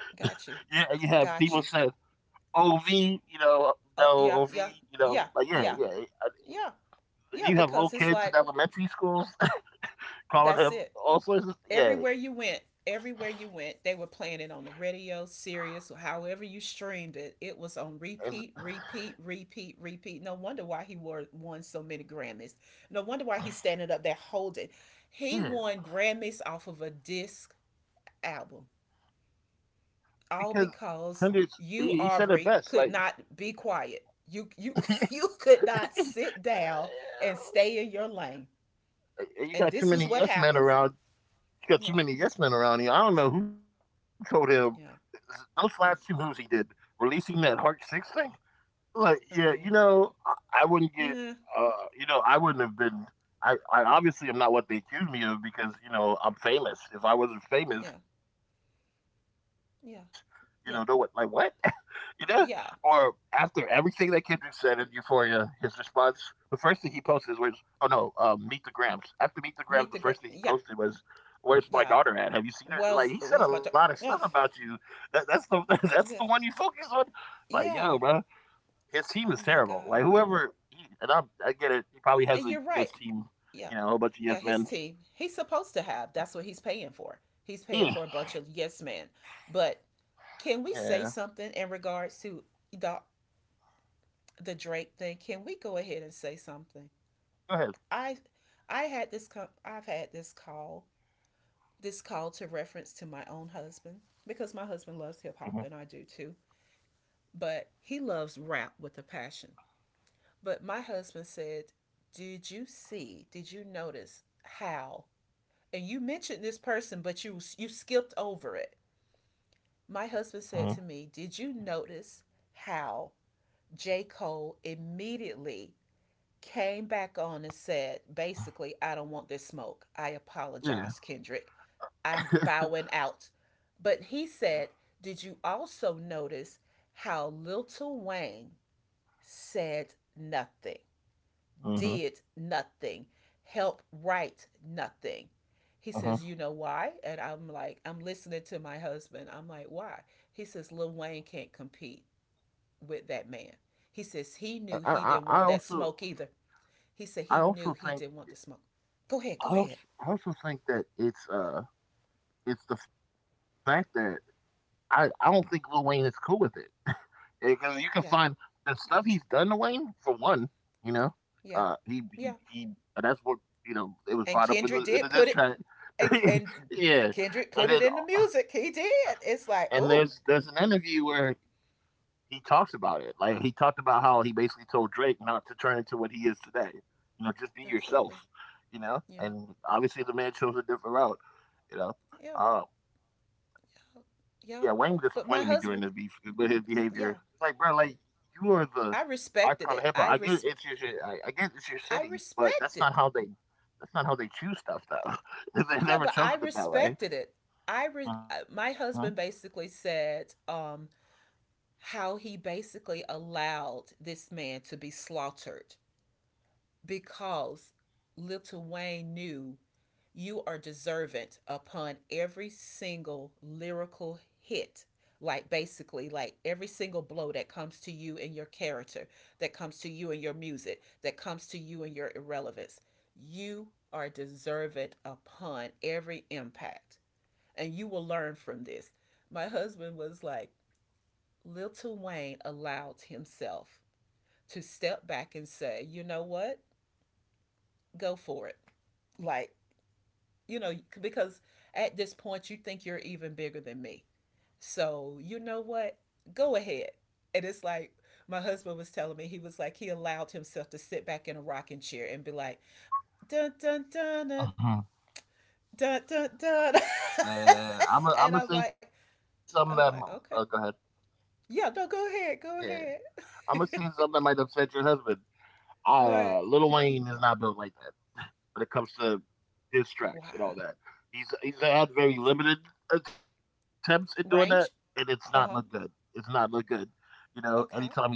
Speaker 2: yeah, you
Speaker 1: got you,
Speaker 2: had people saying
Speaker 1: got you.
Speaker 2: OV, you know, no
Speaker 1: Oh
Speaker 2: OV,
Speaker 1: yeah,
Speaker 2: you
Speaker 1: yeah,
Speaker 2: know, like
Speaker 1: yeah,
Speaker 2: yeah, yeah.
Speaker 1: yeah, yeah,
Speaker 2: You
Speaker 1: yeah,
Speaker 2: have little
Speaker 1: because it's
Speaker 2: kids in
Speaker 1: like
Speaker 2: elementary schools calling him
Speaker 1: that's it.
Speaker 2: all sorts of yeah,
Speaker 1: Everywhere you went, everywhere you went, they were playing it on the radio, Sirius, or however you streamed it. It was
Speaker 2: and
Speaker 1: on repeat, repeat, repeat, repeat. No wonder why he wore, won so many Grammys. No wonder why he's standing up there holding. He
Speaker 2: yeah,
Speaker 1: won Grammys off of a disc album,
Speaker 2: because
Speaker 1: all
Speaker 2: hundreds.
Speaker 1: because
Speaker 2: He said it
Speaker 1: you,
Speaker 2: best, like
Speaker 1: Aubrey, could not be quiet. You, you could not sit down and stay in your lane.
Speaker 2: yeah, you
Speaker 1: And
Speaker 2: got too
Speaker 1: this is
Speaker 2: many
Speaker 1: what
Speaker 2: yes men
Speaker 1: happens.
Speaker 2: around. You got too
Speaker 1: Yeah,
Speaker 2: many yes men around you. I don't know who told him
Speaker 1: yeah.
Speaker 2: those last two moves he did, releasing that Heart Six thing. Like, yeah, you
Speaker 1: Oh,
Speaker 2: know,
Speaker 1: yeah.
Speaker 2: I wouldn't get,
Speaker 1: Yeah,
Speaker 2: uh, you know, I wouldn't have been. I obviously am not what they accuse me of because you know I'm famous. If I wasn't famous,
Speaker 1: yeah,
Speaker 2: you know, no what like what,
Speaker 1: yeah.
Speaker 2: you know,
Speaker 1: Yeah,
Speaker 2: or after everything that
Speaker 1: yeah,
Speaker 2: Kendrick said in Euphoria, his response, the first thing he posted was, "Oh no, Meet the Grams." After Meet the Grams, the first thing he posted
Speaker 1: meet the great,
Speaker 2: was.
Speaker 1: yeah,
Speaker 2: Where's my daughter at? Have you
Speaker 1: yeah.
Speaker 2: seen her? Like he said a lot of stuff
Speaker 1: Was my
Speaker 2: about
Speaker 1: job?
Speaker 2: you.
Speaker 1: Yeah,
Speaker 2: That's the that's the one you
Speaker 1: and
Speaker 2: focus
Speaker 1: this,
Speaker 2: on. Like yo, bro,
Speaker 1: yeah.
Speaker 2: his team is
Speaker 1: Oh
Speaker 2: terrible.
Speaker 1: my
Speaker 2: Like
Speaker 1: god.
Speaker 2: whoever, and I get it. He probably has a
Speaker 1: And you're
Speaker 2: yes
Speaker 1: right.
Speaker 2: team, you
Speaker 1: Yeah,
Speaker 2: know, a whole bunch of yes
Speaker 1: yeah.
Speaker 2: men.
Speaker 1: His team. He's supposed to have. That's what he's paying for. He's paying
Speaker 2: Yeah,
Speaker 1: for a bunch of yes men. But
Speaker 2: yeah.
Speaker 1: can we say something in regards to the the Drake thing? Can we go ahead and say something?
Speaker 2: Go ahead.
Speaker 1: I I had this I've had this call, this call to reference to my own husband because my
Speaker 2: Mm-hmm.
Speaker 1: husband loves hip hop and I do too. But he loves rap with a passion. But my husband said, "Did you see? Did you notice how?" And you mentioned this person, but you skipped over it.
Speaker 2: Mm-hmm.
Speaker 1: My husband said to me, "Did you notice how J. Cole immediately came back on and said, basically, I don't want this smoke. I
Speaker 2: Yeah.
Speaker 1: apologize, Kendrick. I'm bowing out." But he said, "Did you also notice how Lil Wayne said nothing,
Speaker 2: Mm-hmm.
Speaker 1: did nothing, helped write nothing." He
Speaker 2: Mm-hmm.
Speaker 1: says, "You know why?" And I'm like, I'm listening to my husband. I'm like, "Why?" He says, "Lil Wayne can't compete with that man." He says,
Speaker 2: I,
Speaker 1: "He knew
Speaker 2: I,
Speaker 1: he
Speaker 2: I
Speaker 1: didn't want
Speaker 2: also,
Speaker 1: that smoke either." He
Speaker 2: I
Speaker 1: said, "He
Speaker 2: also
Speaker 1: knew
Speaker 2: think,
Speaker 1: he didn't want the smoke." Go ahead,
Speaker 2: I
Speaker 1: go
Speaker 2: also,
Speaker 1: ahead.
Speaker 2: I also think that it's the fact that I don't think Lil Wayne is cool with it. Because you can find
Speaker 1: Yeah,
Speaker 2: the stuff he's done to Wayne for one, you know,
Speaker 1: yeah,
Speaker 2: he
Speaker 1: yeah.
Speaker 2: he. That's what you know. It was
Speaker 1: And
Speaker 2: brought up in the
Speaker 1: Kendrick
Speaker 2: in the
Speaker 1: did
Speaker 2: diss
Speaker 1: put it,
Speaker 2: track.
Speaker 1: and
Speaker 2: Yeah,
Speaker 1: Kendrick
Speaker 2: and
Speaker 1: put
Speaker 2: then
Speaker 1: it in the music. He
Speaker 2: and
Speaker 1: did.
Speaker 2: there's
Speaker 1: It's like,
Speaker 2: an
Speaker 1: oh,
Speaker 2: interview where he talks about it. Like he talked about how he basically told Drake not to turn into what he is today. You know, just be yourself.
Speaker 1: absolutely.
Speaker 2: You know,
Speaker 1: Yeah,
Speaker 2: and obviously the man chose a different route. You know,
Speaker 1: yeah.
Speaker 2: uh, yeah, Wayne
Speaker 1: Yep.
Speaker 2: disappointed me during this
Speaker 1: But my
Speaker 2: beef
Speaker 1: husband,
Speaker 2: with his behavior. It's like,
Speaker 1: yeah,
Speaker 2: bro, like you are the
Speaker 1: I
Speaker 2: icon of hip hop.
Speaker 1: respected it.
Speaker 2: I get it's your city,
Speaker 1: I
Speaker 2: but
Speaker 1: respected.
Speaker 2: that's not how they choose stuff though. They never
Speaker 1: Yeah, but
Speaker 2: chosen
Speaker 1: I
Speaker 2: it that way.
Speaker 1: respected it.
Speaker 2: Hmm.
Speaker 1: My husband basically said, how he basically allowed this man to be slaughtered because Little Wayne knew you are deservant upon every single lyrical hit. Like basically, like every single blow that comes to you in your character, that comes to you in your music, that comes to you in your irrelevance, you are deservant upon every impact. And you will learn from this. My husband was like, Little Wayne allowed himself to step back and say, you know what? Go for it. Like, you know, because at this point you think you're even bigger than me. So, you know what? Go ahead. And it's like my husband was telling me, he was like, he allowed himself to sit back in a rocking chair and be like, dun dun dun dun
Speaker 2: Hmm.
Speaker 1: dun dun, dun.
Speaker 2: Oh man, I'm
Speaker 1: And
Speaker 2: gonna say something that,
Speaker 1: I'm
Speaker 2: go ahead.
Speaker 1: like, okay. Yeah, no, go
Speaker 2: Yeah,
Speaker 1: ahead, go ahead.
Speaker 2: I'm gonna say something that might upset your husband.
Speaker 1: What?
Speaker 2: Lil Wayne is not built like that when it comes to diss
Speaker 1: Wow.
Speaker 2: tracks and all that. He's had very limited attempts at doing that, and it's
Speaker 1: Range?
Speaker 2: not looked good.
Speaker 1: Uh huh.
Speaker 2: It's not looked good. You know, anytime he's
Speaker 1: Okay.
Speaker 2: tried to,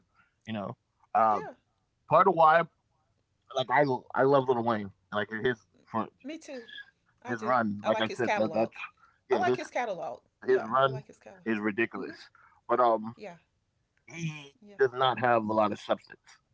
Speaker 2: you know, um,
Speaker 1: Yeah,
Speaker 2: part of why like I I love Little Wayne like his for
Speaker 1: me too. I
Speaker 2: his
Speaker 1: do.
Speaker 2: run.
Speaker 1: I
Speaker 2: Like
Speaker 1: like
Speaker 2: I
Speaker 1: his
Speaker 2: said, that,
Speaker 1: catalog.
Speaker 2: that's
Speaker 1: I
Speaker 2: yeah
Speaker 1: like his
Speaker 2: his
Speaker 1: catalog.
Speaker 2: run
Speaker 1: Yeah,
Speaker 2: is
Speaker 1: I like his catalog.
Speaker 2: ridiculous,
Speaker 1: Mm-hmm.
Speaker 2: but
Speaker 1: Yeah,
Speaker 2: he does not
Speaker 1: yeah.
Speaker 2: have a lot of substance. And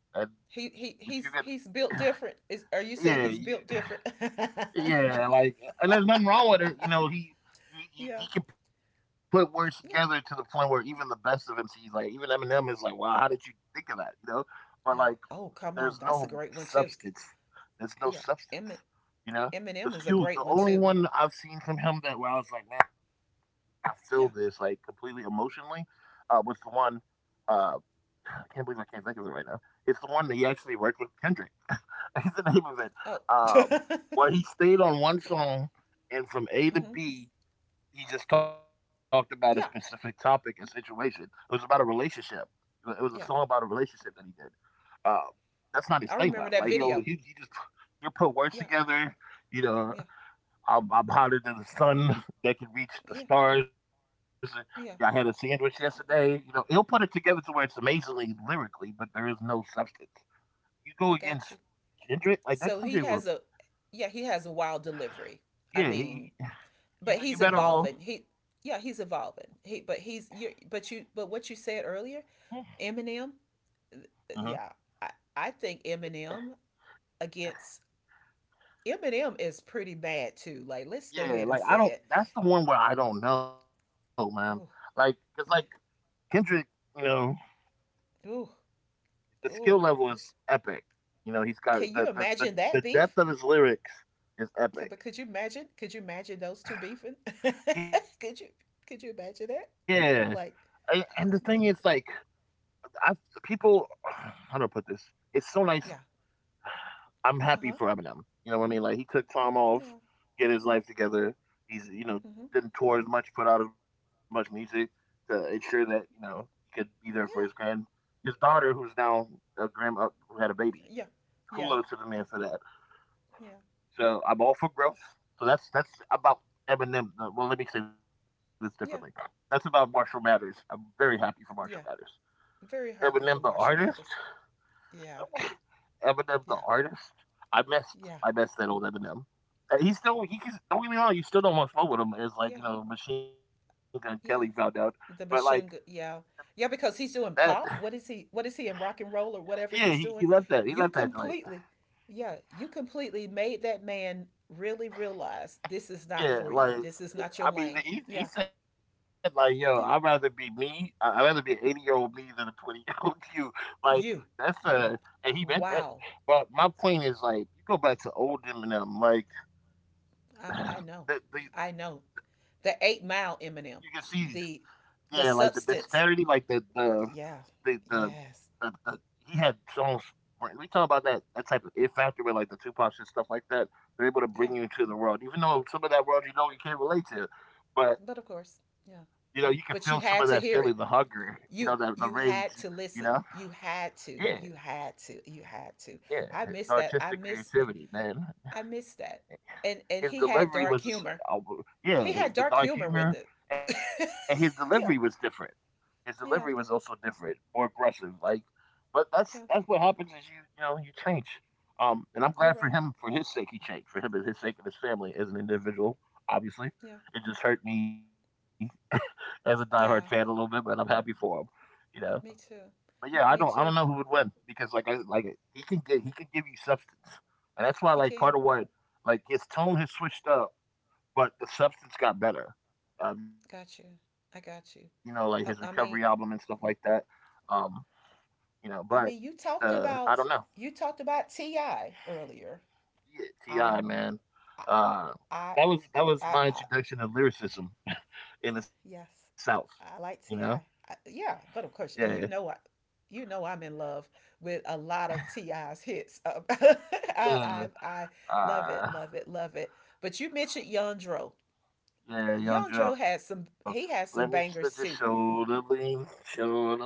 Speaker 1: He
Speaker 2: if
Speaker 1: he
Speaker 2: you can,
Speaker 1: he's he's built different. Is are you
Speaker 2: yeah,
Speaker 1: saying he's built different?
Speaker 2: yeah, like, and there's nothing wrong with it. You know, he he, he
Speaker 1: Yeah,
Speaker 2: he can put words together to the point
Speaker 1: yeah.
Speaker 2: where even the best of MCs, like even Eminem, is like, wow, how did you think of that? You know, but like,
Speaker 1: Oh, oh,
Speaker 2: there's
Speaker 1: come on,
Speaker 2: no
Speaker 1: that's a great one too.
Speaker 2: substance. There's no
Speaker 1: Yeah,
Speaker 2: substance.
Speaker 1: Emin
Speaker 2: You know,
Speaker 1: Eminem is a
Speaker 2: the
Speaker 1: great one
Speaker 2: only
Speaker 1: too.
Speaker 2: one I've seen from him that where I was like, man, I feel this like
Speaker 1: Yeah.
Speaker 2: completely emotionally, was the one. Uh, I can't believe I can't think of it right now. It's the one that he actually worked with Kendrick. That's the name of it.
Speaker 1: Oh.
Speaker 2: Um,
Speaker 1: Mm-hmm.
Speaker 2: well, he stayed on one song, and from A to B, he just talked about a
Speaker 1: Yeah,
Speaker 2: specific topic and situation. It was about a relationship. It was
Speaker 1: yeah.
Speaker 2: a song about a relationship that he did. Um, that's not
Speaker 1: I
Speaker 2: his thing
Speaker 1: remember
Speaker 2: though.
Speaker 1: that
Speaker 2: Like he'll
Speaker 1: video.
Speaker 2: he just He'll put words
Speaker 1: Yeah,
Speaker 2: together. You know,
Speaker 1: yeah,
Speaker 2: I'm hotter than the sun that can reach the
Speaker 1: yeah,
Speaker 2: stars. I had a sandwich
Speaker 1: yeah.
Speaker 2: yesterday. You know, he'll put it together to where it's amazingly lyrically, but there is no substance. You go
Speaker 1: I
Speaker 2: against
Speaker 1: got you.
Speaker 2: Kendrick, like that Kendrick
Speaker 1: So
Speaker 2: will.
Speaker 1: he has a, yeah, he has a wild delivery. I
Speaker 2: Yeah,
Speaker 1: mean,
Speaker 2: he, you
Speaker 1: but
Speaker 2: you
Speaker 1: he's
Speaker 2: better off.
Speaker 1: evolving. He, yeah, he's evolving. He but he's you but what you said earlier, Eminem,
Speaker 2: Mhm.
Speaker 1: yeah, I think Eminem against Eminem is pretty bad too. Like let's go
Speaker 2: Yeah,
Speaker 1: ahead and
Speaker 2: like, I
Speaker 1: say
Speaker 2: don't,
Speaker 1: it.
Speaker 2: that's the one where I don't know, man. Like, cause
Speaker 1: Oh
Speaker 2: like,
Speaker 1: yeah.
Speaker 2: Kendrick, you know,
Speaker 1: Oh
Speaker 2: the skill
Speaker 1: oh.
Speaker 2: level is epic. You know, he's got the
Speaker 1: Can you
Speaker 2: the the
Speaker 1: imagine
Speaker 2: the
Speaker 1: that
Speaker 2: depth
Speaker 1: beef?
Speaker 2: of his lyrics is
Speaker 1: Yeah,
Speaker 2: epic.
Speaker 1: but could you imagine? Could you imagine those two beefing?
Speaker 2: Yeah,
Speaker 1: Could you
Speaker 2: and
Speaker 1: could you
Speaker 2: and the
Speaker 1: imagine
Speaker 2: thing
Speaker 1: that?
Speaker 2: is, like,
Speaker 1: Like
Speaker 2: I people, how do I put this? It's so nice.
Speaker 1: yeah.
Speaker 2: I'm happy for Eminem.
Speaker 1: Uh huh.
Speaker 2: You know what I mean? Like he took time off,
Speaker 1: Yeah.
Speaker 2: get his life together. He's, you know, didn't
Speaker 1: Mm-hmm.
Speaker 2: tour as much, put out as much music to ensure that, you know, he could be there for
Speaker 1: Yeah.
Speaker 2: his daughter, who's now a grand who had a baby.
Speaker 1: Yeah.
Speaker 2: Kudos to the
Speaker 1: Yeah.
Speaker 2: man for that.
Speaker 1: Yeah.
Speaker 2: So I'm all for growth. So that's about Eminem. Well, let me say this differently. That's
Speaker 1: Yeah.
Speaker 2: about Marshall Mathers. I'm very happy for Marshall Mathers.
Speaker 1: Yeah.
Speaker 2: Eminem
Speaker 1: Very
Speaker 2: the
Speaker 1: happy for
Speaker 2: artist.
Speaker 1: Marshall Mathers. Yeah,
Speaker 2: Eminem the
Speaker 1: yeah,
Speaker 2: artist? I missed I
Speaker 1: yeah,
Speaker 2: missed that old Eminem. He still he can, don't get me wrong, you still don't want to smoke with him as like, you
Speaker 1: yeah,
Speaker 2: know, Machine Gun Kelly found out.
Speaker 1: yeah.
Speaker 2: But like
Speaker 1: The machine gun. Yeah, yeah, because
Speaker 2: that.
Speaker 1: he's doing pop. What is he? What is he in rock and roll or
Speaker 2: Yeah,
Speaker 1: whatever
Speaker 2: he
Speaker 1: he's
Speaker 2: left
Speaker 1: doing?
Speaker 2: that, he left
Speaker 1: You
Speaker 2: that joint.
Speaker 1: completely, yeah, you completely made that man really realize this is not
Speaker 2: Yeah,
Speaker 1: for you.
Speaker 2: like
Speaker 1: This is not your
Speaker 2: I mean
Speaker 1: lane.
Speaker 2: he
Speaker 1: Yeah,
Speaker 2: said like, yo, I'd rather be
Speaker 1: yeah.
Speaker 2: me I'd rather be an 80 year old me than a 20 year old you. Like that's
Speaker 1: You.
Speaker 2: and he meant that.
Speaker 1: Wow.
Speaker 2: But my point is like you go back to old Eminem, like
Speaker 1: I, I know.
Speaker 2: the
Speaker 1: I know. The eight
Speaker 2: you can
Speaker 1: mile
Speaker 2: see.
Speaker 1: Eminem.
Speaker 2: Yeah,
Speaker 1: The
Speaker 2: like the
Speaker 1: the
Speaker 2: disparity, like
Speaker 1: substance.
Speaker 2: the
Speaker 1: Yeah.
Speaker 2: the, the,
Speaker 1: Yes.
Speaker 2: the he had songs, where- We talk about that type of it factor with like the two and stuff like that. They're able to bring
Speaker 1: Yeah.
Speaker 2: you into the world, even though some of that world you know you can't relate to, but
Speaker 1: But of course.
Speaker 2: you know you can
Speaker 1: Yeah.
Speaker 2: feel some of that
Speaker 1: But you
Speaker 2: feeling, the
Speaker 1: had to hear
Speaker 2: hunger,
Speaker 1: it.
Speaker 2: you know, the
Speaker 1: You
Speaker 2: rage,
Speaker 1: you
Speaker 2: you
Speaker 1: had to
Speaker 2: know.
Speaker 1: listen. You
Speaker 2: Yeah,
Speaker 1: had to. You had to. You had
Speaker 2: yeah,
Speaker 1: to.
Speaker 2: the
Speaker 1: I miss
Speaker 2: artistic
Speaker 1: that.
Speaker 2: creativity, man.
Speaker 1: I miss that.
Speaker 2: His
Speaker 1: And he had
Speaker 2: delivery was,
Speaker 1: dark humor. He
Speaker 2: yeah,
Speaker 1: had
Speaker 2: the
Speaker 1: dark
Speaker 2: dark
Speaker 1: humor with
Speaker 2: humor
Speaker 1: it.
Speaker 2: and his delivery was different.
Speaker 1: Yeah.
Speaker 2: His delivery was also
Speaker 1: Yeah.
Speaker 2: different, more aggressive. Like, but that's what
Speaker 1: Yeah.
Speaker 2: happens is you, you know, you change. And I'm glad for
Speaker 1: You're
Speaker 2: him
Speaker 1: right.
Speaker 2: for his sake, he changed for him and his sake and his family as an individual. Obviously,
Speaker 1: Yeah.
Speaker 2: it just hurt me as a diehard fan a little bit,
Speaker 1: Yeah.
Speaker 2: but I'm happy for him. You know,
Speaker 1: Me
Speaker 2: but
Speaker 1: too.
Speaker 2: yeah, I don't know
Speaker 1: Me
Speaker 2: who would
Speaker 1: too.
Speaker 2: win because like I like it. He can give you substance, and that's why like
Speaker 1: He
Speaker 2: part of
Speaker 1: can.
Speaker 2: what like his tone has switched up, but the substance got better. You know, like
Speaker 1: Got
Speaker 2: his
Speaker 1: you.
Speaker 2: recovery
Speaker 1: I
Speaker 2: album and
Speaker 1: got
Speaker 2: stuff
Speaker 1: you.
Speaker 2: like that.
Speaker 1: I mean,
Speaker 2: Um, you know, but
Speaker 1: I mean,
Speaker 2: I don't know.
Speaker 1: you talked about Ti earlier.
Speaker 2: Yeah, Ti man,
Speaker 1: I'm, I,
Speaker 2: uh, that
Speaker 1: I,
Speaker 2: was, that was my
Speaker 1: I
Speaker 2: introduction to lyricism in the South.
Speaker 1: yes, I,
Speaker 2: You know,
Speaker 1: I like Ti. Yeah, but
Speaker 2: yeah,
Speaker 1: of course, you know I, you know I'm in love with a lot of Ti's hits. I,
Speaker 2: yeah,
Speaker 1: I love
Speaker 2: uh,
Speaker 1: it, love it, love it. But you mentioned Yandro.
Speaker 2: yeah, Young
Speaker 1: Yandro
Speaker 2: Joe.
Speaker 1: has some.
Speaker 2: Let me
Speaker 1: He
Speaker 2: let your
Speaker 1: has some bangers
Speaker 2: shoulder
Speaker 1: too.
Speaker 2: lean, show the lean.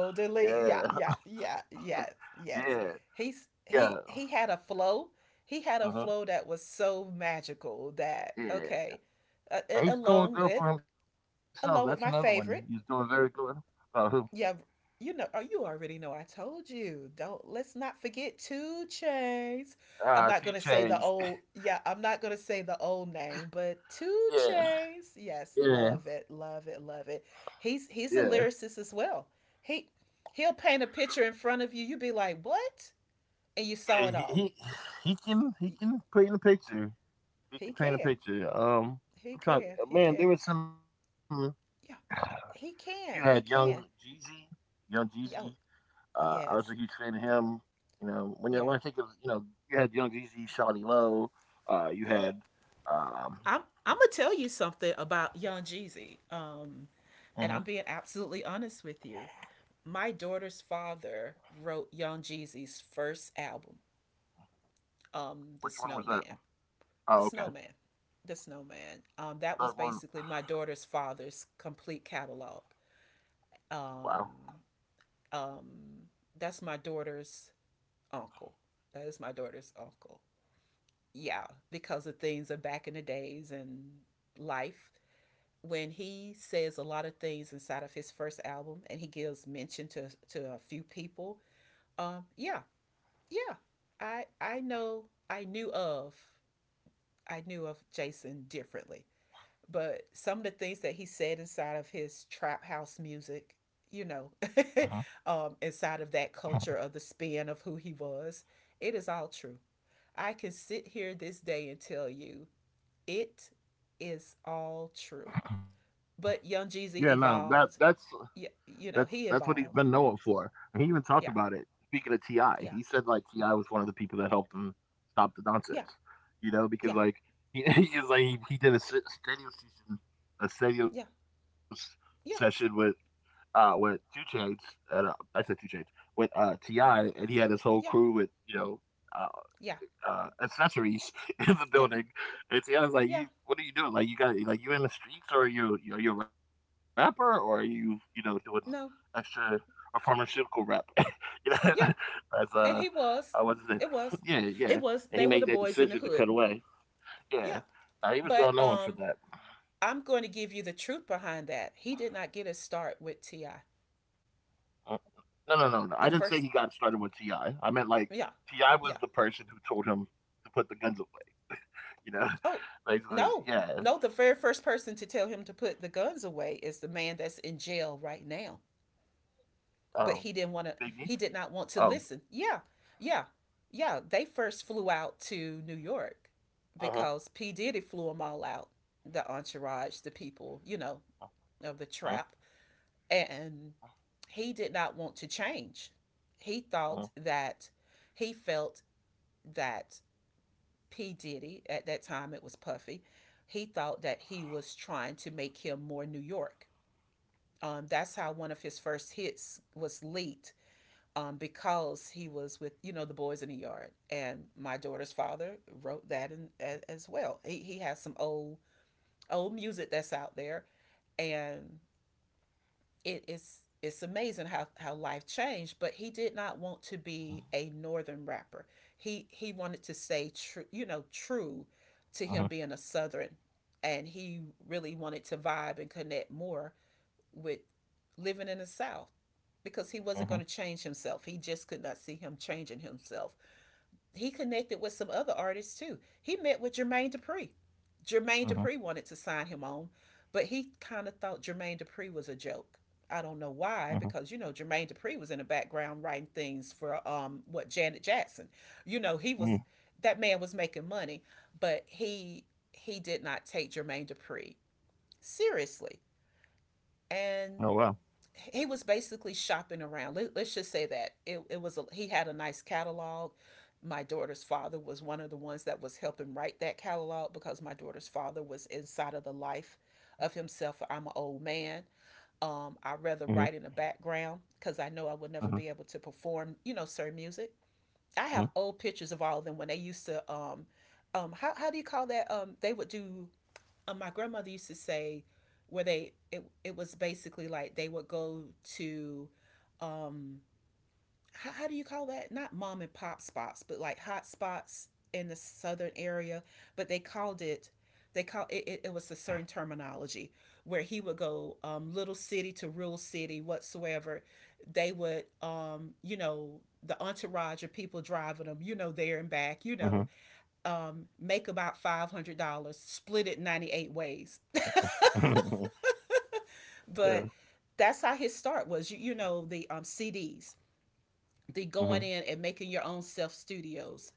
Speaker 2: Yeah,
Speaker 1: yeah, yeah, yeah, yes,
Speaker 2: yeah,
Speaker 1: yes. He's
Speaker 2: yeah,
Speaker 1: he he had a flow. He had a
Speaker 2: uh-huh,
Speaker 1: flow that was so magical that
Speaker 2: yeah.
Speaker 1: okay, uh, a-
Speaker 2: And he's doing
Speaker 1: along
Speaker 2: good for
Speaker 1: with
Speaker 2: himself. That's another one.
Speaker 1: along with
Speaker 2: He's
Speaker 1: my
Speaker 2: doing very
Speaker 1: favorite.
Speaker 2: good. Who?
Speaker 1: Yeah, you know, oh, you already know. I told you. Don't let's not forget two chains. I'm not
Speaker 2: T
Speaker 1: gonna say the
Speaker 2: Chains.
Speaker 1: old. Yeah, I'm not gonna say the old name, but two
Speaker 2: Yeah,
Speaker 1: chains. Yes,
Speaker 2: yeah,
Speaker 1: love it, love it, love it.
Speaker 2: yeah.
Speaker 1: He's a lyricist as well. He he'll paint a picture in front of you. You be like, what? And you
Speaker 2: Yeah,
Speaker 1: saw it all.
Speaker 2: he can, he can paint a picture. He
Speaker 1: He
Speaker 2: can paint a
Speaker 1: can.
Speaker 2: picture.
Speaker 1: He
Speaker 2: I'm trying.
Speaker 1: can. He
Speaker 2: Man,
Speaker 1: can.
Speaker 2: there was some.
Speaker 1: Yeah,
Speaker 2: You
Speaker 1: he
Speaker 2: had
Speaker 1: can.
Speaker 2: young
Speaker 1: He can.
Speaker 2: Jeezy, young Jeezy.
Speaker 1: Yo,
Speaker 2: I was a huge
Speaker 1: yes,
Speaker 2: fan of him. You know, when I
Speaker 1: yeah,
Speaker 2: think of, you know, you had young Jeezy, Shawnee Lowe. You
Speaker 1: yeah.
Speaker 2: had um,
Speaker 1: I'm gonna tell you something about Young Jeezy.
Speaker 2: mhm.
Speaker 1: And I'm being absolutely honest with you. My daughter's father wrote Young Jeezy's first album, The
Speaker 2: Which one was
Speaker 1: Snowman.
Speaker 2: that?
Speaker 1: The
Speaker 2: Oh,
Speaker 1: Snowman.
Speaker 2: okay,
Speaker 1: The Snowman. That was
Speaker 2: that
Speaker 1: basically
Speaker 2: one.
Speaker 1: my daughter's father's complete catalog.
Speaker 2: Wow.
Speaker 1: Um, um, that's my daughter's uncle. That is my daughter's uncle. Yeah, because of things of back in the days and life when he says a lot of things inside of his first album and he gives mention to a few people, yeah, yeah, I know, I knew of I knew of Jason differently, but some of the things that he said inside of his trap house music, you know,
Speaker 2: Mhm.
Speaker 1: inside of that culture of the spin of who he was, it is all true. I can sit here this day and tell you it is all true, but Young Jeezy
Speaker 2: Yeah, no,
Speaker 1: evolved. You know, he
Speaker 2: that's what
Speaker 1: evolved.
Speaker 2: he's been known for, and he even
Speaker 1: Yeah,
Speaker 2: talked about it. Speaking of
Speaker 1: yeah,
Speaker 2: Ti, he said like Ti was one of the people that helped him
Speaker 1: yeah,
Speaker 2: stop the nonsense,
Speaker 1: yeah,
Speaker 2: you know, because like he is like he did a studio session,
Speaker 1: yeah,
Speaker 2: a studio s-
Speaker 1: yeah,
Speaker 2: session with Two Chains, and I said Two Chains with Ti, and he had his
Speaker 1: yeah,
Speaker 2: whole crew with, you know. uh,
Speaker 1: yeah,
Speaker 2: Accessories
Speaker 1: yeah,
Speaker 2: in the building. And
Speaker 1: yeah,
Speaker 2: Tiana's like, "You, what are you doing? Like, you got like you in the streets, or are you a rapper, or are you, you know, doing
Speaker 1: no,
Speaker 2: extra or pharmaceutical rap?" You know,
Speaker 1: yeah.
Speaker 2: as
Speaker 1: And he was,
Speaker 2: I was
Speaker 1: it
Speaker 2: it?
Speaker 1: was,
Speaker 2: Yeah,
Speaker 1: it was,
Speaker 2: yeah.
Speaker 1: they were the
Speaker 2: And he made
Speaker 1: boys in
Speaker 2: that
Speaker 1: the hood.
Speaker 2: decision to cut away.
Speaker 1: Yeah.
Speaker 2: Yeah,
Speaker 1: But
Speaker 2: now, he was well known for that.
Speaker 1: I'm going to give you the truth behind that. He did not get his start with T.I.
Speaker 2: Uh, no, no, no,
Speaker 1: The
Speaker 2: no. I
Speaker 1: first,
Speaker 2: didn't say he got started with Ti. I meant
Speaker 1: yeah,
Speaker 2: like Ti
Speaker 1: yeah.
Speaker 2: was the person who told him to put the guns away. You
Speaker 1: Oh,
Speaker 2: know,
Speaker 1: no,
Speaker 2: basically,
Speaker 1: no, the
Speaker 2: yeah.
Speaker 1: very first person to tell him to put the guns away is the man that's in jail right now. But he
Speaker 2: Um,
Speaker 1: didn't want to,
Speaker 2: Big
Speaker 1: he
Speaker 2: B.
Speaker 1: did not want to listen.
Speaker 2: Um,
Speaker 1: Yeah, yeah, yeah. They first flew out to New York because P Diddy flew them all out, the entourage, the people, you know, of the
Speaker 2: uh-huh.
Speaker 1: trap, and he did not want to change. He thought
Speaker 2: Uh-huh.
Speaker 1: that he felt that P Diddy, at that time it was Puffy, he thought that he was trying to make him more New York. That's how one of his first hits was leaked, because he was with, you know, the boys in the yard, and my daughter's father wrote that in, as well. He has some old old music that's out there, and it is it's amazing how life changed. But he did not want to be a northern rapper. He wanted to stay true, you know, true to him being a
Speaker 2: Uh-huh.
Speaker 1: southern, and he really wanted to vibe and connect more with living in the South because he wasn't
Speaker 2: Uh-huh.
Speaker 1: going to change himself. He just could not see him changing himself. He connected with some other artists too. He met with Jermaine Dupri. Jermaine Dupri wanted
Speaker 2: Uh-huh.
Speaker 1: to sign him on, but he kind of thought Jermaine Dupri was a joke. I don't know why,
Speaker 2: Uh-huh.
Speaker 1: because you know Jermaine Dupri was in the background writing things for, what, Janet Jackson. You know he was,
Speaker 2: Mm.
Speaker 1: that man was making money, but he did not take Jermaine Dupri seriously,
Speaker 2: Oh
Speaker 1: and
Speaker 2: wow.
Speaker 1: he was basically shopping around. Let us just say that it was a, he had a nice catalog. My daughter's father was one of the ones that was helping write that catalog because my daughter's father was inside of the life of himself. I'm an old man. I
Speaker 2: Mm-hmm.
Speaker 1: rather write in the background because I know I would never
Speaker 2: Uh-huh.
Speaker 1: be able to perform, you know, certain music. I have
Speaker 2: Uh-huh.
Speaker 1: old pictures of all of them when they used to how do you call that? They would do my grandmother used to say where they it was basically like they would go to um how do you call that, not mom and pop spots but like hot spots in the southern area, but they called it, they call it, it was a certain terminology where he would go little city to rural city whatsoever. They would, you know, the entourage of people driving them, you know, there and back, you know,
Speaker 2: Uh-huh.
Speaker 1: make about $500, split it 98 ways.
Speaker 2: Yeah.
Speaker 1: But that's how his start was. You know the, CDs, the going
Speaker 2: Mm-hmm.
Speaker 1: in and making your own self studios,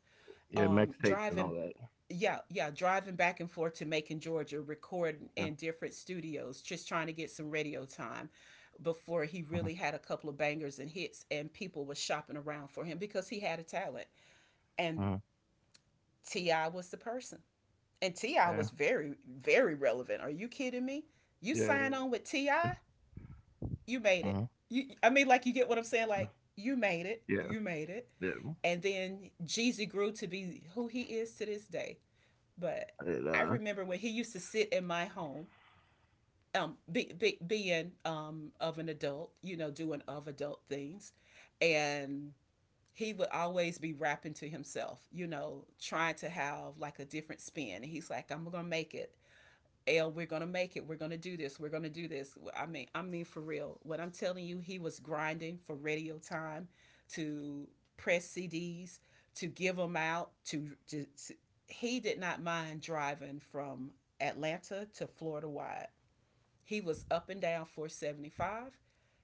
Speaker 2: Yeah, mixtapes
Speaker 1: driving,
Speaker 2: and all that.
Speaker 1: yeah, yeah, driving back and forth to Macon, Georgia, recording in
Speaker 2: Yeah.
Speaker 1: different studios, just trying to get some radio time before
Speaker 2: Uh-huh.
Speaker 1: he really had a couple of bangers and hits and people was shopping around for him because he had a talent, and
Speaker 2: Uh-huh.
Speaker 1: Ti was the person, and Ti was
Speaker 2: Yeah.
Speaker 1: very very relevant. Are you kidding me? You sign
Speaker 2: Yeah.
Speaker 1: on with Ti,
Speaker 2: Uh-huh.
Speaker 1: you made it. You, I mean, like you get what I'm
Speaker 2: Uh,
Speaker 1: saying. Like you made it.
Speaker 2: yeah.
Speaker 1: You made it.
Speaker 2: Yeah.
Speaker 1: And then Jeezy grew to be who he is to this day. But
Speaker 2: It
Speaker 1: I remember when he used to sit in my home, being of an adult, you know, doing of adult things, and he would always be rapping to himself, you know, trying to have like a different spin. And he's like, I'm gonna make it. L, we're gonna make it. We're gonna do this. We're gonna do this. Well, I mean for real. What I'm telling you, he was grinding for radio time, to press CDs, to give them out. To He did not mind driving from Atlanta to Florida wide. He was up and down 475.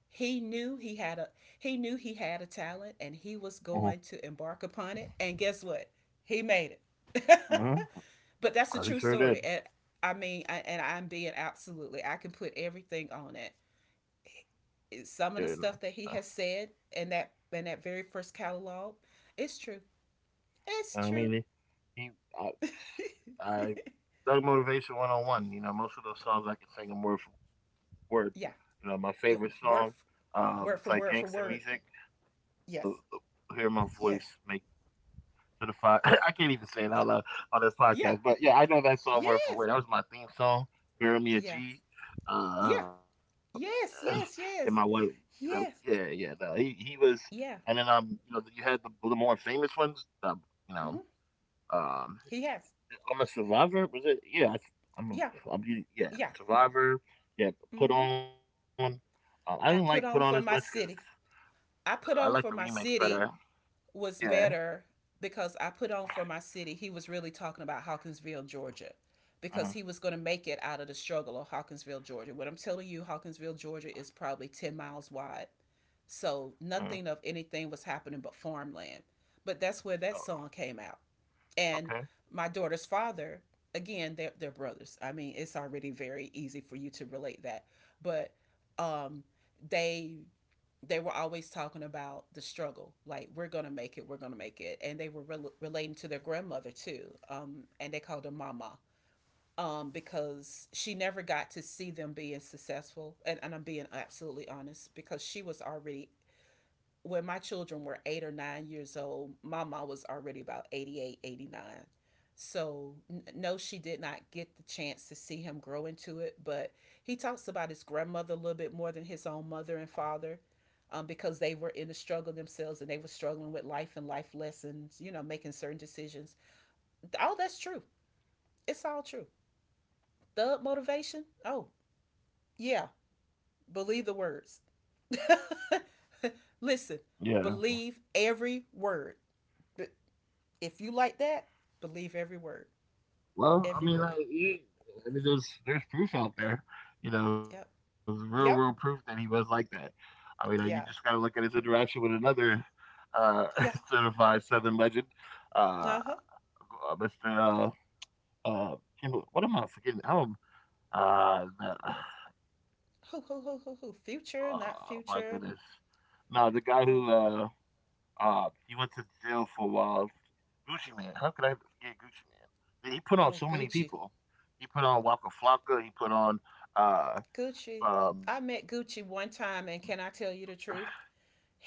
Speaker 1: He knew he had a he knew he had a talent, and he was
Speaker 2: uh-huh.
Speaker 1: going to embark upon it. And guess what? He made it.
Speaker 2: Uh-huh.
Speaker 1: But that's a
Speaker 2: Oh, he
Speaker 1: true
Speaker 2: sure did.
Speaker 1: story. And I mean, and I'm being absolutely, I can put everything on it.
Speaker 2: Yeah, and,
Speaker 1: Some of the
Speaker 2: uh,
Speaker 1: stuff that he has said in that very first catalog, it's true. It's
Speaker 2: I
Speaker 1: true.
Speaker 2: mean he I, I Doug Motivation 101. You know, most of those songs I can sing them word for word. You know, my
Speaker 1: Yeah,
Speaker 2: favorite song,
Speaker 1: yeah, word f-
Speaker 2: it's like
Speaker 1: word for
Speaker 2: gangster
Speaker 1: word for
Speaker 2: music.
Speaker 1: word.
Speaker 2: The,
Speaker 1: Yes,
Speaker 2: Hear my voice
Speaker 1: yes,
Speaker 2: make to the certified. I can't even say it out
Speaker 1: uh,
Speaker 2: loud on this
Speaker 1: yeah,
Speaker 2: podcast, but yeah, I know that song word for
Speaker 1: yes,
Speaker 2: word. That was my theme song, "Bury Me a
Speaker 1: yeah,
Speaker 2: G." Uh,
Speaker 1: yeah, yes,
Speaker 2: and my wife,
Speaker 1: yes, yes,
Speaker 2: you know, yeah,
Speaker 1: yes,
Speaker 2: yeah, no, and then
Speaker 1: yeah.
Speaker 2: you know, you had the more famous ones, you know,
Speaker 1: Mm-hmm.
Speaker 2: um,
Speaker 1: He has.
Speaker 2: I'm a survivor. Was it? Yeah, I, I'm,
Speaker 1: Yeah,
Speaker 2: a- I'm, yeah,
Speaker 1: yeah.
Speaker 2: survivor. Yeah, put
Speaker 1: Mm-hmm.
Speaker 2: on. I didn't like put on
Speaker 1: I
Speaker 2: as much
Speaker 1: put on
Speaker 2: because
Speaker 1: for my city.
Speaker 2: I
Speaker 1: I
Speaker 2: like the
Speaker 1: put on
Speaker 2: remakes
Speaker 1: for my
Speaker 2: better.
Speaker 1: city
Speaker 2: Yeah.
Speaker 1: was better because I put on for my city. He was really talking about Hawkinsville, Georgia, because
Speaker 2: Uh-huh.
Speaker 1: he was going to make it out of the struggle of Hawkinsville, Georgia. What I'm telling you, Hawkinsville, Georgia is probably 10 miles wide. So
Speaker 2: Uh-huh.
Speaker 1: nothing of anything was happening but farmland. But that's where that
Speaker 2: Oh,
Speaker 1: song came out, and
Speaker 2: okay.
Speaker 1: my daughter's father. Again, they're brothers. I mean, it's already very easy for you to relate that. But um they they were always talking about the struggle, like, we're gonna make it, we're gonna make it. And they were relating to their grandmother too, and they called her Mama, because she never got to see them being successful. And I'm being absolutely honest, because she was already. When my children were 8 or 9 years old, my mom was already about 88, 89. So, no, she did not get the chance to see him grow into it. But he talks about his grandmother a little bit more than his own mother and father, because they were in the struggle themselves and they were struggling with life and life lessons, you know, making certain decisions. All that's true. It's all true. Thug motivation? Oh, yeah. Believe the words. Listen,
Speaker 2: Yeah.
Speaker 1: believe every word. If you like that, believe every word.
Speaker 2: Well, I
Speaker 1: Every
Speaker 2: mean,
Speaker 1: word.
Speaker 2: like, yeah, I mean, there's proof out there, you know,
Speaker 1: Yep.
Speaker 2: real world proof that he
Speaker 1: Yep.
Speaker 2: was like that. I mean, you just gotta look
Speaker 1: Yeah.
Speaker 2: at his interaction with another uh,
Speaker 1: Yeah.
Speaker 2: certified Southern legend, uh,
Speaker 1: Uh huh.
Speaker 2: Mr. Uh, uh, Kim- what am I forgetting? Oh, uh, the,
Speaker 1: Who, who?
Speaker 2: oh my
Speaker 1: Future, not
Speaker 2: goodness,
Speaker 1: future.
Speaker 2: no, the guy who
Speaker 1: Oh,
Speaker 2: he went to jail for a while. Gucci Man. How could I forget Gucci Man? He put on so
Speaker 1: oh,
Speaker 2: many
Speaker 1: Gucci.
Speaker 2: people. He put on Waka Flocka. He put on uh
Speaker 1: Gucci.
Speaker 2: um
Speaker 1: I met Gucci one time, and can I tell you the truth?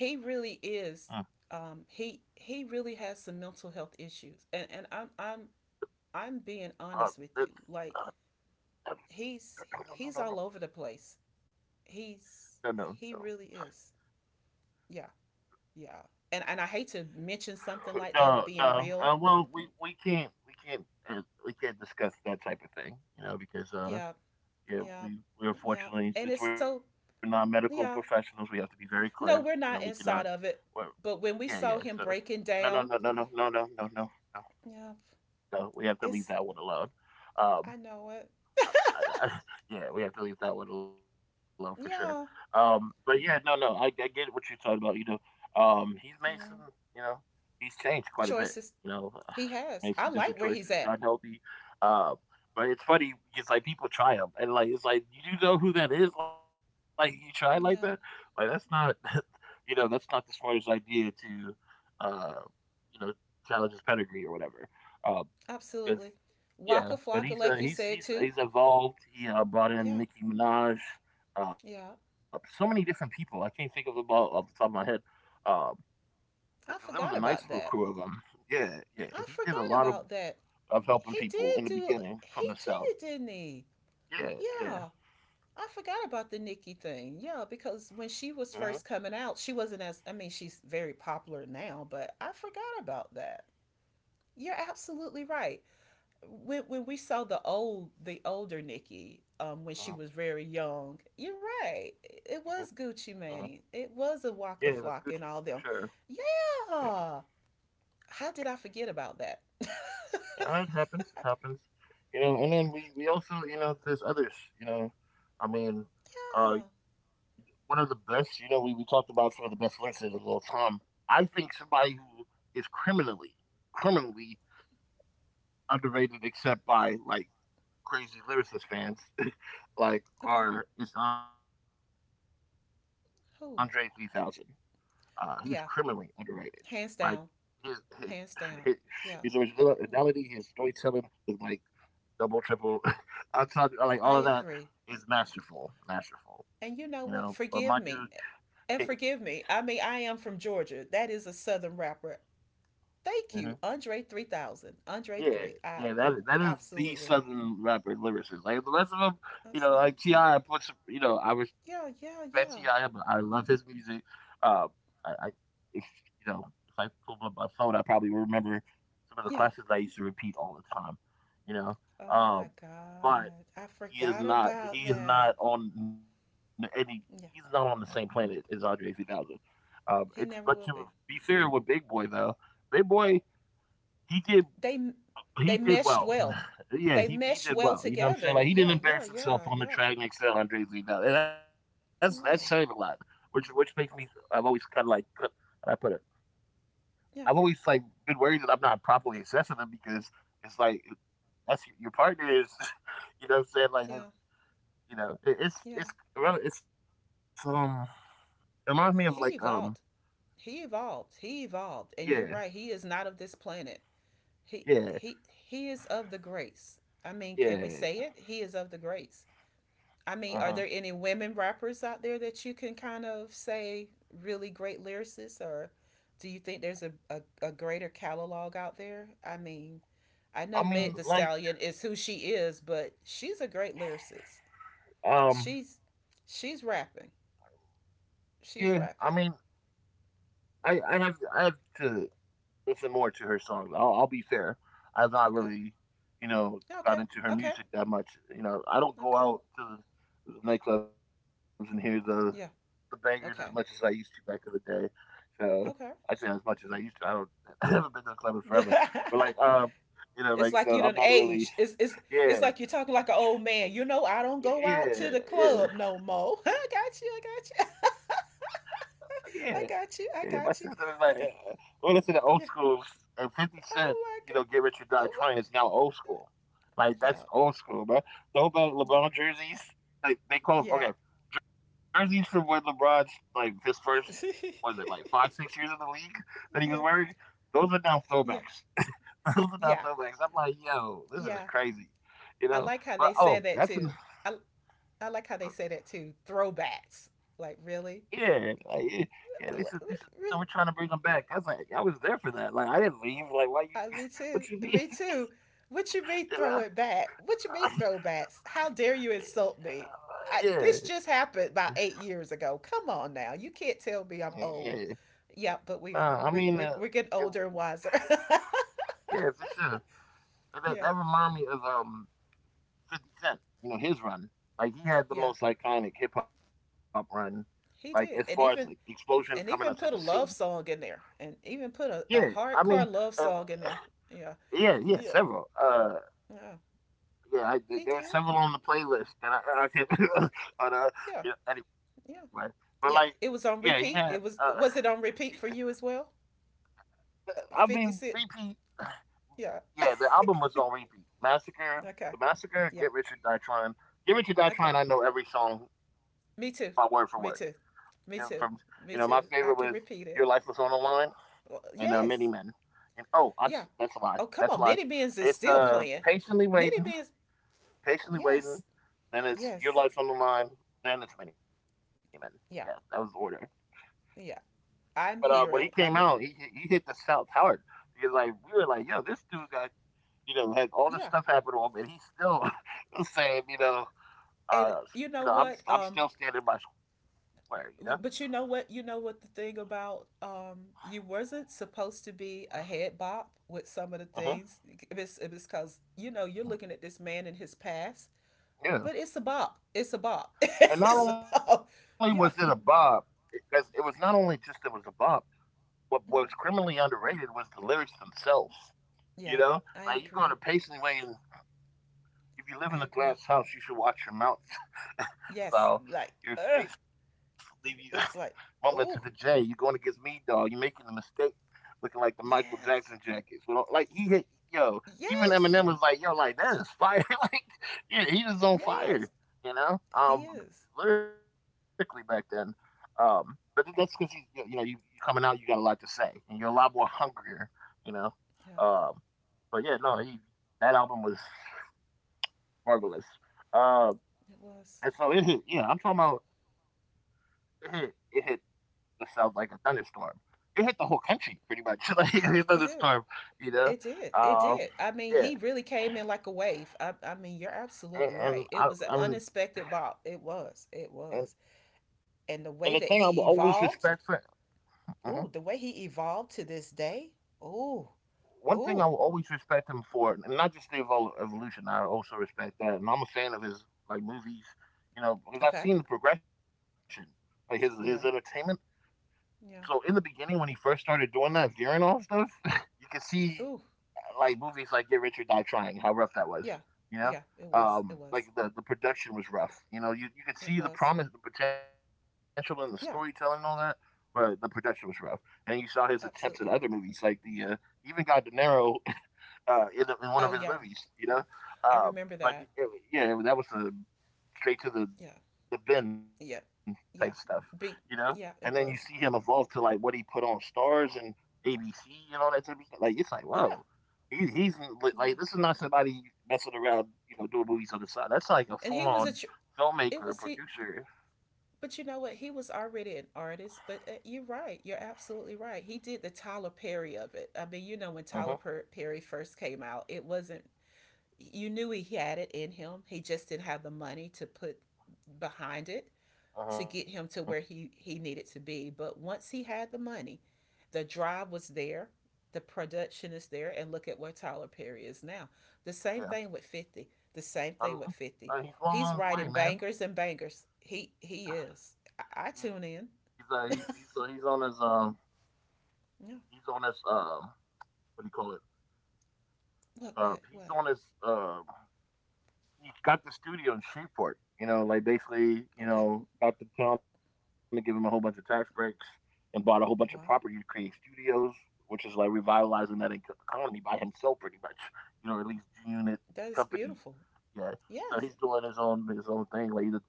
Speaker 2: mm,
Speaker 1: really is. He really has some mental health issues, and I'm being honest
Speaker 2: uh,
Speaker 1: with you.
Speaker 2: this,
Speaker 1: Like
Speaker 2: uh
Speaker 1: he's
Speaker 2: no
Speaker 1: all
Speaker 2: no no
Speaker 1: over the
Speaker 2: no
Speaker 1: place.
Speaker 2: no no no no.
Speaker 1: He really is. Yeah. Yeah, and I hate to mention something like that, of
Speaker 2: No,
Speaker 1: being
Speaker 2: no.
Speaker 1: real.
Speaker 2: Well, uh, we can't discuss that type of thing, you know,
Speaker 1: Yeah,
Speaker 2: because
Speaker 1: yeah,
Speaker 2: yeah,
Speaker 1: yeah.
Speaker 2: we,
Speaker 1: And it's so,
Speaker 2: unfortunately, since we're not medical
Speaker 1: yeah,
Speaker 2: professionals, we have to be very
Speaker 1: no,
Speaker 2: clear.
Speaker 1: we're
Speaker 2: You
Speaker 1: not
Speaker 2: know, we
Speaker 1: inside
Speaker 2: cannot.
Speaker 1: of it.
Speaker 2: Well,
Speaker 1: But when we saw
Speaker 2: yeah
Speaker 1: him
Speaker 2: yeah. So
Speaker 1: breaking down,
Speaker 2: no no no no no no no no no no,
Speaker 1: yeah,
Speaker 2: no, we
Speaker 1: it's,
Speaker 2: have to leave that one alone.
Speaker 1: I know
Speaker 2: Um,
Speaker 1: it.
Speaker 2: I, yeah, we have to leave that one alone for sure.
Speaker 1: Yeah,
Speaker 2: But yeah, no, no, I get what you're talking about. You know, he's made some,
Speaker 1: yeah.
Speaker 2: you know, he's changed quite a bit. You
Speaker 1: Choices.
Speaker 2: know,
Speaker 1: He
Speaker 2: made
Speaker 1: has.
Speaker 2: some
Speaker 1: I
Speaker 2: different
Speaker 1: like where
Speaker 2: choices,
Speaker 1: he's
Speaker 2: not
Speaker 1: at.
Speaker 2: healthy. Uh, but it's funny because like people try him, and like it's like you do know who that is. Like you try like that, like
Speaker 1: Yeah,
Speaker 2: that's not, you know, that's not the smartest idea to, uh, you know, challenge his pedigree or whatever. Um, 'Cause
Speaker 1: absolutely.
Speaker 2: yeah,
Speaker 1: Waka
Speaker 2: but he's,
Speaker 1: Flocka, like you
Speaker 2: he's,
Speaker 1: said too.
Speaker 2: he's evolved. He, brought in
Speaker 1: Yeah,
Speaker 2: Nicki Minaj, so
Speaker 1: yeah.
Speaker 2: many different people. I can't think of them all off the top of my head. Uh, 'Cause it was a
Speaker 1: I
Speaker 2: nice
Speaker 1: forgot
Speaker 2: little
Speaker 1: about
Speaker 2: crew of
Speaker 1: that.
Speaker 2: them. Yeah, yeah, he
Speaker 1: I
Speaker 2: did a lot
Speaker 1: forgot about that.
Speaker 2: of helping
Speaker 1: He
Speaker 2: people in the
Speaker 1: did do.
Speaker 2: beginning from the
Speaker 1: He
Speaker 2: South.
Speaker 1: did, didn't he?
Speaker 2: Yeah, yeah.
Speaker 1: Yeah. I forgot about the Nikki thing. Yeah,
Speaker 2: Uh
Speaker 1: because when
Speaker 2: huh,
Speaker 1: she was first coming out, she wasn't as I mean, she's very popular now, but I forgot about that. You're absolutely right. When we saw the older Nikki, when she
Speaker 2: uh
Speaker 1: was very young, you're
Speaker 2: huh,
Speaker 1: right. It
Speaker 2: uh
Speaker 1: was
Speaker 2: huh,
Speaker 1: Gucci Mane. It
Speaker 2: yeah,
Speaker 1: was
Speaker 2: it
Speaker 1: a
Speaker 2: was
Speaker 1: Waka
Speaker 2: Gucci for
Speaker 1: Flock and all
Speaker 2: sure.
Speaker 1: them.
Speaker 2: Yeah.
Speaker 1: Yeah. How did I forget about that? Yeah.
Speaker 2: Yeah, it happens. It happens. You know, and then we also, you know, there's others, you know. I mean, uh one of the best, you know, we talked about some of the best lyricists of all time. I think somebody who is criminally, criminally underrated except by like crazy lyricist fans, like
Speaker 1: Okay.
Speaker 2: are is Andre 3000. He's
Speaker 1: Who?
Speaker 2: criminally underrated. Like
Speaker 1: Yeah.
Speaker 2: his
Speaker 1: Hands
Speaker 2: his,
Speaker 1: down.
Speaker 2: his
Speaker 1: Hands down.
Speaker 2: originality,
Speaker 1: Yeah.
Speaker 2: his storytelling, his like double, triple. I tell you, like all of that
Speaker 1: I
Speaker 2: is
Speaker 1: agree.
Speaker 2: masterful, masterful. You know,
Speaker 1: And
Speaker 2: but
Speaker 1: you
Speaker 2: my
Speaker 1: know
Speaker 2: dude,
Speaker 1: what? Forgive me.
Speaker 2: hey,
Speaker 1: And forgive me. I mean, I am from Georgia. That is a Southern rapper. Thank
Speaker 2: mhm.
Speaker 1: you, Andre 3000. Andre
Speaker 2: Yeah,
Speaker 1: 3. I
Speaker 2: yeah, that is the
Speaker 1: Absolutely.
Speaker 2: southern rapper lyricist. Like the rest of them, you know,
Speaker 1: Absolutely.
Speaker 2: like Ti, I put some, you know, I respect Ti,
Speaker 1: Yeah, yeah,
Speaker 2: but I
Speaker 1: yeah.
Speaker 2: love his music. Um, I if, you know, if I pull up my phone, I probably will remember some of the classes
Speaker 1: Yeah.
Speaker 2: I used to repeat all the time. You know,
Speaker 1: Oh
Speaker 2: um,
Speaker 1: my
Speaker 2: but
Speaker 1: God. I
Speaker 2: he is
Speaker 1: forgot
Speaker 2: not.
Speaker 1: about
Speaker 2: He is
Speaker 1: that.
Speaker 2: not on any. He's not on the
Speaker 1: Yeah.
Speaker 2: same planet as Andre 3000. It's but to
Speaker 1: He never will
Speaker 2: be
Speaker 1: be.
Speaker 2: fair with Big Boy though, Big Boy he did
Speaker 1: They
Speaker 2: he
Speaker 1: they
Speaker 2: did well.
Speaker 1: meshed well.
Speaker 2: Yeah, he
Speaker 1: They
Speaker 2: he
Speaker 1: meshed
Speaker 2: did
Speaker 1: well
Speaker 2: well. You know what I'm saying? Like
Speaker 1: together.
Speaker 2: he didn't
Speaker 1: Yeah, yeah,
Speaker 2: embarrass himself
Speaker 1: yeah,
Speaker 2: on the
Speaker 1: yeah.
Speaker 2: track and excel on Jay Z. Now and that's saying a lot.
Speaker 1: No.
Speaker 2: Which makes me I've always kind of like how do I put it. I've always
Speaker 1: Yeah,
Speaker 2: like been worried that I'm not properly assessing them because it's like that's your partner is. You know what I'm saying? Like that's,
Speaker 1: yeah,
Speaker 2: you know it's
Speaker 1: yeah.
Speaker 2: it's well, it's it reminds me of like
Speaker 1: He evolved. He evolved. He evolved.
Speaker 2: yeah,
Speaker 1: And you're right, he is not of this planet. He
Speaker 2: yeah,
Speaker 1: he he is of the grace. I mean, can we
Speaker 2: yeah,
Speaker 1: say it? He is of the grace. I mean,
Speaker 2: uh
Speaker 1: are
Speaker 2: huh.
Speaker 1: there any women rappers out there that you can kind of say really great lyricists, or do you think there's a greater catalog out there? I mean, I
Speaker 2: I
Speaker 1: know
Speaker 2: mean
Speaker 1: Meg the
Speaker 2: like
Speaker 1: Stallion is who she is, but she's a great lyricist.
Speaker 2: um
Speaker 1: She's she's rapping.
Speaker 2: yeah, I mean
Speaker 1: She's rapping.
Speaker 2: I have I have to listen more to her songs. I'll be fair. I've not
Speaker 1: Okay.
Speaker 2: really, you know, got
Speaker 1: Okay.
Speaker 2: into her
Speaker 1: Okay.
Speaker 2: music that much. You know, I don't go
Speaker 1: Okay.
Speaker 2: out to the nightclubs and hear the
Speaker 1: Yeah.
Speaker 2: bangers as much as I used
Speaker 1: Okay.
Speaker 2: to back in the day. So I say
Speaker 1: Okay.
Speaker 2: as much as I used to. I don't. I haven't been to a club in forever. But like, you know,
Speaker 1: It's
Speaker 2: like
Speaker 1: like you
Speaker 2: so
Speaker 1: done
Speaker 2: I'm not
Speaker 1: aged.
Speaker 2: really.
Speaker 1: It's like you're
Speaker 2: Yeah,
Speaker 1: talking like an
Speaker 2: I'm,
Speaker 1: old man. You know, I don't go out to the
Speaker 2: yeah,
Speaker 1: club no
Speaker 2: yeah,
Speaker 1: more. I got you. I got
Speaker 2: yeah.
Speaker 1: you.
Speaker 2: Yeah, my sister is like,
Speaker 1: I
Speaker 2: yeah,
Speaker 1: got you. I
Speaker 2: we
Speaker 1: got you.
Speaker 2: listen to
Speaker 1: I
Speaker 2: old
Speaker 1: got
Speaker 2: school and
Speaker 1: Yeah.
Speaker 2: 50 Cent, you know, Get
Speaker 1: Oh
Speaker 2: Rich
Speaker 1: my
Speaker 2: or
Speaker 1: god.
Speaker 2: Die Trying is
Speaker 1: Oh my,
Speaker 2: now old school. Like, that's
Speaker 1: yeah.
Speaker 2: old school, man.
Speaker 1: Yeah.
Speaker 2: Throwback LeBron jerseys, like, they
Speaker 1: Yeah.
Speaker 2: call them, okay, jerseys from when LeBron's, like, his first, was it, like, five, 6 years in the league
Speaker 1: Yes.
Speaker 2: that he was wearing? Those are now
Speaker 1: Yeah.
Speaker 2: throwbacks.
Speaker 1: Yeah.
Speaker 2: Those are now throwbacks. I'm like,
Speaker 1: Yeah.
Speaker 2: yo, this is crazy,
Speaker 1: I like how
Speaker 2: you
Speaker 1: they
Speaker 2: know?
Speaker 1: said
Speaker 2: But,
Speaker 1: that too. I I like how they say that too. Throwbacks. Like, really.
Speaker 2: yeah, like, yeah, this is this is you know,
Speaker 1: Really.
Speaker 2: we're trying to bring them back. I was like, "Yeah, I was there for that. Like, I didn't leave. Like, why you?
Speaker 1: Me too.
Speaker 2: What you
Speaker 1: Me
Speaker 2: mean?"
Speaker 1: too. What you mean throw
Speaker 2: You
Speaker 1: it
Speaker 2: know?
Speaker 1: back? What you mean throwbacks? How dare you insult me? This
Speaker 2: Yeah,
Speaker 1: just happened about 8 years ago. Come on now. You can't tell me I'm
Speaker 2: yeah.
Speaker 1: old. Yeah, but
Speaker 2: Nah,
Speaker 1: we
Speaker 2: I
Speaker 1: are.
Speaker 2: mean,
Speaker 1: We're
Speaker 2: and
Speaker 1: getting older and wiser.
Speaker 2: yeah, for sure. And that that
Speaker 1: Yeah.
Speaker 2: remind me of 50 Cent. You know his run. Like he had the
Speaker 1: Yeah.
Speaker 2: most iconic hip hop run. Like as far as
Speaker 1: He
Speaker 2: like
Speaker 1: did. And even
Speaker 2: explosion coming onto the
Speaker 1: and
Speaker 2: scene.
Speaker 1: even put a love song in there. And even
Speaker 2: Yeah,
Speaker 1: put a,
Speaker 2: I
Speaker 1: a
Speaker 2: mean,
Speaker 1: hardcore
Speaker 2: uh,
Speaker 1: love song in there. Yeah.
Speaker 2: yeah, yeah,
Speaker 1: Yeah.
Speaker 2: several.
Speaker 1: Yeah.
Speaker 2: Yeah, I, there
Speaker 1: He
Speaker 2: there were
Speaker 1: did.
Speaker 2: several on the playlist that I can't. On,
Speaker 1: Yeah.
Speaker 2: yeah, anyway,
Speaker 1: Yeah.
Speaker 2: but like,
Speaker 1: Yeah.
Speaker 2: yeah,
Speaker 1: It was on repeat. It Was it on
Speaker 2: he-
Speaker 1: repeat for you as well?
Speaker 2: I mean,
Speaker 1: 50 Cent.
Speaker 2: repeat.
Speaker 1: Yeah.
Speaker 2: Yeah, the album was on repeat. Massacre,
Speaker 1: Okay.
Speaker 2: the massacre.
Speaker 1: Yeah.
Speaker 2: Get Rich or Die Trying. Get Rich or Die
Speaker 1: Okay.
Speaker 2: Trying. I know every song by word for
Speaker 1: Me
Speaker 2: word.
Speaker 1: too. Me
Speaker 2: You know,
Speaker 1: too.
Speaker 2: from
Speaker 1: Me
Speaker 2: you know,
Speaker 1: too.
Speaker 2: my favorite
Speaker 1: Me
Speaker 2: was
Speaker 1: too. I
Speaker 2: Your
Speaker 1: can
Speaker 2: Life Was
Speaker 1: repeat
Speaker 2: on the
Speaker 1: it.
Speaker 2: Line and
Speaker 1: Well,
Speaker 2: Many Men.
Speaker 1: yes.
Speaker 2: And oh, that's a
Speaker 1: Yeah.
Speaker 2: lie. That's a
Speaker 1: Oh, come
Speaker 2: lie.
Speaker 1: on. Mini Beans
Speaker 2: It's
Speaker 1: is still playing.
Speaker 2: patiently waiting.
Speaker 1: Mini Beans.
Speaker 2: Patiently waiting,
Speaker 1: Yes.
Speaker 2: then it's Your
Speaker 1: Yes.
Speaker 2: Life on the Line, then it's Mini Men. Yeah, that was the
Speaker 1: Yeah.
Speaker 2: order.
Speaker 1: Yeah.
Speaker 2: But when
Speaker 1: I'm
Speaker 2: he came
Speaker 1: hearing.
Speaker 2: out,
Speaker 1: I mean,
Speaker 2: he hit the South hard because like we were like, yo, this dude got you know had all this stuff
Speaker 1: yeah.
Speaker 2: happen to him, and he's still saying,
Speaker 1: And
Speaker 2: uh,
Speaker 1: you
Speaker 2: you
Speaker 1: know
Speaker 2: know,
Speaker 1: what?
Speaker 2: I'm
Speaker 1: Um,
Speaker 2: still standing by square, you know.
Speaker 1: but you know what? You know what the thing about, you wasn't supposed to be a head bop with some of the
Speaker 2: Uh-huh.
Speaker 1: things. It's because you know you're
Speaker 2: Mhm.
Speaker 1: looking at this man in his past.
Speaker 2: Yeah,
Speaker 1: But it's a bop. It's a bop.
Speaker 2: and not
Speaker 1: It's a
Speaker 2: only was it a
Speaker 1: bop.
Speaker 2: bob,
Speaker 1: Yeah.
Speaker 2: because it was not only just it was a bob. What was criminally
Speaker 1: Mm-hmm.
Speaker 2: underrated was the lyrics themselves. You know,
Speaker 1: Yeah.
Speaker 2: like you go to
Speaker 1: I
Speaker 2: patiently
Speaker 1: agree.
Speaker 2: waiting. If you live in a
Speaker 1: I
Speaker 2: glass
Speaker 1: agree.
Speaker 2: house, you should watch your mouth, Val.
Speaker 1: Yes. Like,
Speaker 2: Your face
Speaker 1: ugh.
Speaker 2: leave you mumble
Speaker 1: It's
Speaker 2: to
Speaker 1: like,
Speaker 2: the J. You're
Speaker 1: oh,
Speaker 2: going against me, dog. You're making a mistake, looking like the Michael Jackson
Speaker 1: yes.
Speaker 2: jackets. We don't- Like he hit, yo. Even Eminem
Speaker 1: Yes.
Speaker 2: was like, yo, like that is fire. Like, yeah, he was on fire.
Speaker 1: Yes.
Speaker 2: You know,
Speaker 1: He is.
Speaker 2: lyrically back then. But that's because you know you coming out, you got a lot to say, and you're a lot more hungrier. You know,
Speaker 1: Yeah.
Speaker 2: um, but yeah, no, that album was marvelous. Um,
Speaker 1: It was.
Speaker 2: and so it hit, yeah, I'm talking about it hit the South like a thunderstorm. It hit the whole country pretty much like a
Speaker 1: It did.
Speaker 2: thunderstorm, you
Speaker 1: It
Speaker 2: know.
Speaker 1: did. It did.
Speaker 2: Uh,
Speaker 1: I mean, he
Speaker 2: yeah,
Speaker 1: really came in like a wave. I mean, you're absolutely right. It
Speaker 2: and,
Speaker 1: was an
Speaker 2: and I,
Speaker 1: unexpected
Speaker 2: I'm
Speaker 1: bop. It was. It was.
Speaker 2: and,
Speaker 1: And the way
Speaker 2: and the
Speaker 1: that
Speaker 2: thing I will
Speaker 1: he
Speaker 2: always
Speaker 1: evolved,
Speaker 2: respect for Mhm.
Speaker 1: oh, the way he evolved to this day. Oh,
Speaker 2: One
Speaker 1: oh,
Speaker 2: thing I will always respect him for, and not just the evolution, I also respect that, and I'm a fan of his like movies, you know, because I've
Speaker 1: okay.
Speaker 2: seen the progression, like his entertainment.
Speaker 1: Yeah,
Speaker 2: So in the
Speaker 1: yeah.
Speaker 2: beginning, when he first started doing that gearing off stuff, you can see
Speaker 1: Ooh,
Speaker 2: like movies like Get Rich or Die Trying, how rough that was,
Speaker 1: yeah,
Speaker 2: you know?
Speaker 1: yeah.
Speaker 2: Like the production was rough. You know, you could
Speaker 1: It
Speaker 2: see the
Speaker 1: was.
Speaker 2: promise, the potential in the storytelling and all that,
Speaker 1: Yeah,
Speaker 2: but the production was rough. And then you saw his attempts at other movies,
Speaker 1: absolutely.
Speaker 2: like the he even got De Niro in one of his
Speaker 1: Oh
Speaker 2: movies,
Speaker 1: yeah,
Speaker 2: you know? Um,
Speaker 1: I remember
Speaker 2: but
Speaker 1: that.
Speaker 2: it, yeah, that was a straight to
Speaker 1: Yeah,
Speaker 2: the Ben type
Speaker 1: yeah,
Speaker 2: stuff,
Speaker 1: yeah.
Speaker 2: you know.
Speaker 1: B.
Speaker 2: And then you see
Speaker 1: Yeah,
Speaker 2: him
Speaker 1: it was.
Speaker 2: evolve to like what he put on Stars and ABC and all that type of stuff. Like it's like, whoa,
Speaker 1: Yeah,
Speaker 2: he's like, this is
Speaker 1: yeah.
Speaker 2: not somebody messing around, you know, doing movies on the side. That's like a full
Speaker 1: And he was a.
Speaker 2: on
Speaker 1: Tr- It
Speaker 2: filmmaker,
Speaker 1: was he.
Speaker 2: producer.
Speaker 1: But you know what? He was already an artist. But you're right. You're absolutely right. He did the Tyler Perry of it. I mean, you know,
Speaker 2: Uh
Speaker 1: when
Speaker 2: huh.
Speaker 1: Perry first came out, it wasn't. You knew he had it in him. He just didn't have the money to put behind it.
Speaker 2: Uh huh.
Speaker 1: To get him to where he needed to be. But once he had the money, the drive was there, the production is there, and look at where Tyler Perry is now. The same
Speaker 2: Yeah.
Speaker 1: thing with 50. The same
Speaker 2: I
Speaker 1: thing with
Speaker 2: mean,
Speaker 1: 50.
Speaker 2: he's well
Speaker 1: He's
Speaker 2: on his way,
Speaker 1: writing
Speaker 2: man.
Speaker 1: bangers and bangers. He is. I tune in.
Speaker 2: He's on his um he's on
Speaker 1: Yeah.
Speaker 2: his um what do you call it?
Speaker 1: What
Speaker 2: He's on
Speaker 1: what?
Speaker 2: his he got the studio in Shreveport. You know, like basically, you
Speaker 1: Okay.
Speaker 2: know, got the town to give him a whole bunch of tax breaks and bought a whole bunch of property to
Speaker 1: Wow.
Speaker 2: create studios, which is like revitalizing that economy by himself, pretty much. You know, at least G Unit
Speaker 1: That is
Speaker 2: company.
Speaker 1: beautiful.
Speaker 2: Yeah, so
Speaker 1: Yes.
Speaker 2: he's doing his own thing, like the,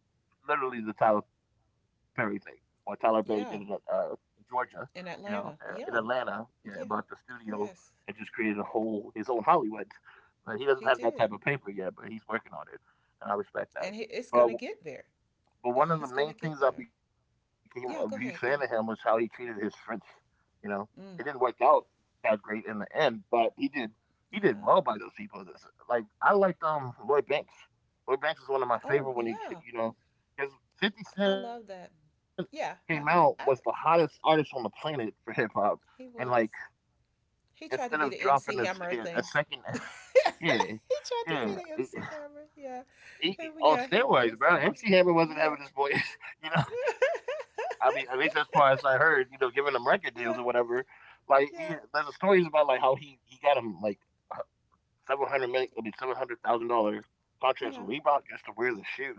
Speaker 2: literally the Tyler Perry thing. What Tyler Perry did in
Speaker 1: Yeah.
Speaker 2: Georgia, you know,
Speaker 1: In
Speaker 2: in
Speaker 1: Atlanta.
Speaker 2: Atlanta,
Speaker 1: Yeah.
Speaker 2: yeah, bought the
Speaker 1: Yeah.
Speaker 2: studio and
Speaker 1: Yes.
Speaker 2: just created a whole his own Hollywood, but he doesn't have
Speaker 1: He
Speaker 2: that type of
Speaker 1: did.
Speaker 2: paper yet, but he's working on it, and I respect that.
Speaker 1: It's going
Speaker 2: But
Speaker 1: to get there.
Speaker 2: one of the
Speaker 1: He's going
Speaker 2: main
Speaker 1: to get
Speaker 2: things I
Speaker 1: there.
Speaker 2: became a huge fan of
Speaker 1: Yeah,
Speaker 2: him
Speaker 1: go
Speaker 2: was how
Speaker 1: ahead.
Speaker 2: he
Speaker 1: Go ahead.
Speaker 2: treated his friends. You know, it didn't work
Speaker 1: Mm,
Speaker 2: out that great in the end, but he did well
Speaker 1: yeah.
Speaker 2: by those people. This- Like I liked Lloyd Banks. Lloyd Banks is one of my
Speaker 1: Oh,
Speaker 2: favorite when he ca-
Speaker 1: yeah.
Speaker 2: you know because Fifty
Speaker 1: I
Speaker 2: Cent
Speaker 1: love that.
Speaker 2: came out was the
Speaker 1: Yeah.
Speaker 2: hottest artist
Speaker 1: I,
Speaker 2: on the planet for hip hop, and like
Speaker 1: he was.
Speaker 2: instead
Speaker 1: He
Speaker 2: of
Speaker 1: tried to be
Speaker 2: dropping
Speaker 1: the MC
Speaker 2: a
Speaker 1: Hammer of
Speaker 2: second,
Speaker 1: things. He
Speaker 2: yeah, yeah.
Speaker 1: tried to be the MC Hammer. Yeah.
Speaker 2: He- on
Speaker 1: Yeah, he
Speaker 2: steroids, bro.
Speaker 1: was.
Speaker 2: MC Hammer wasn't having this
Speaker 1: Yeah.
Speaker 2: boy, you know. I mean, at least as far as I heard, you know, giving him record deals or whatever.
Speaker 1: Yeah.
Speaker 2: Like, there's a
Speaker 1: Yeah.
Speaker 2: stories about like how he got him like 700 million, I mean, $700,000 contracts with
Speaker 1: Yeah.
Speaker 2: Reebok just to wear the shoes,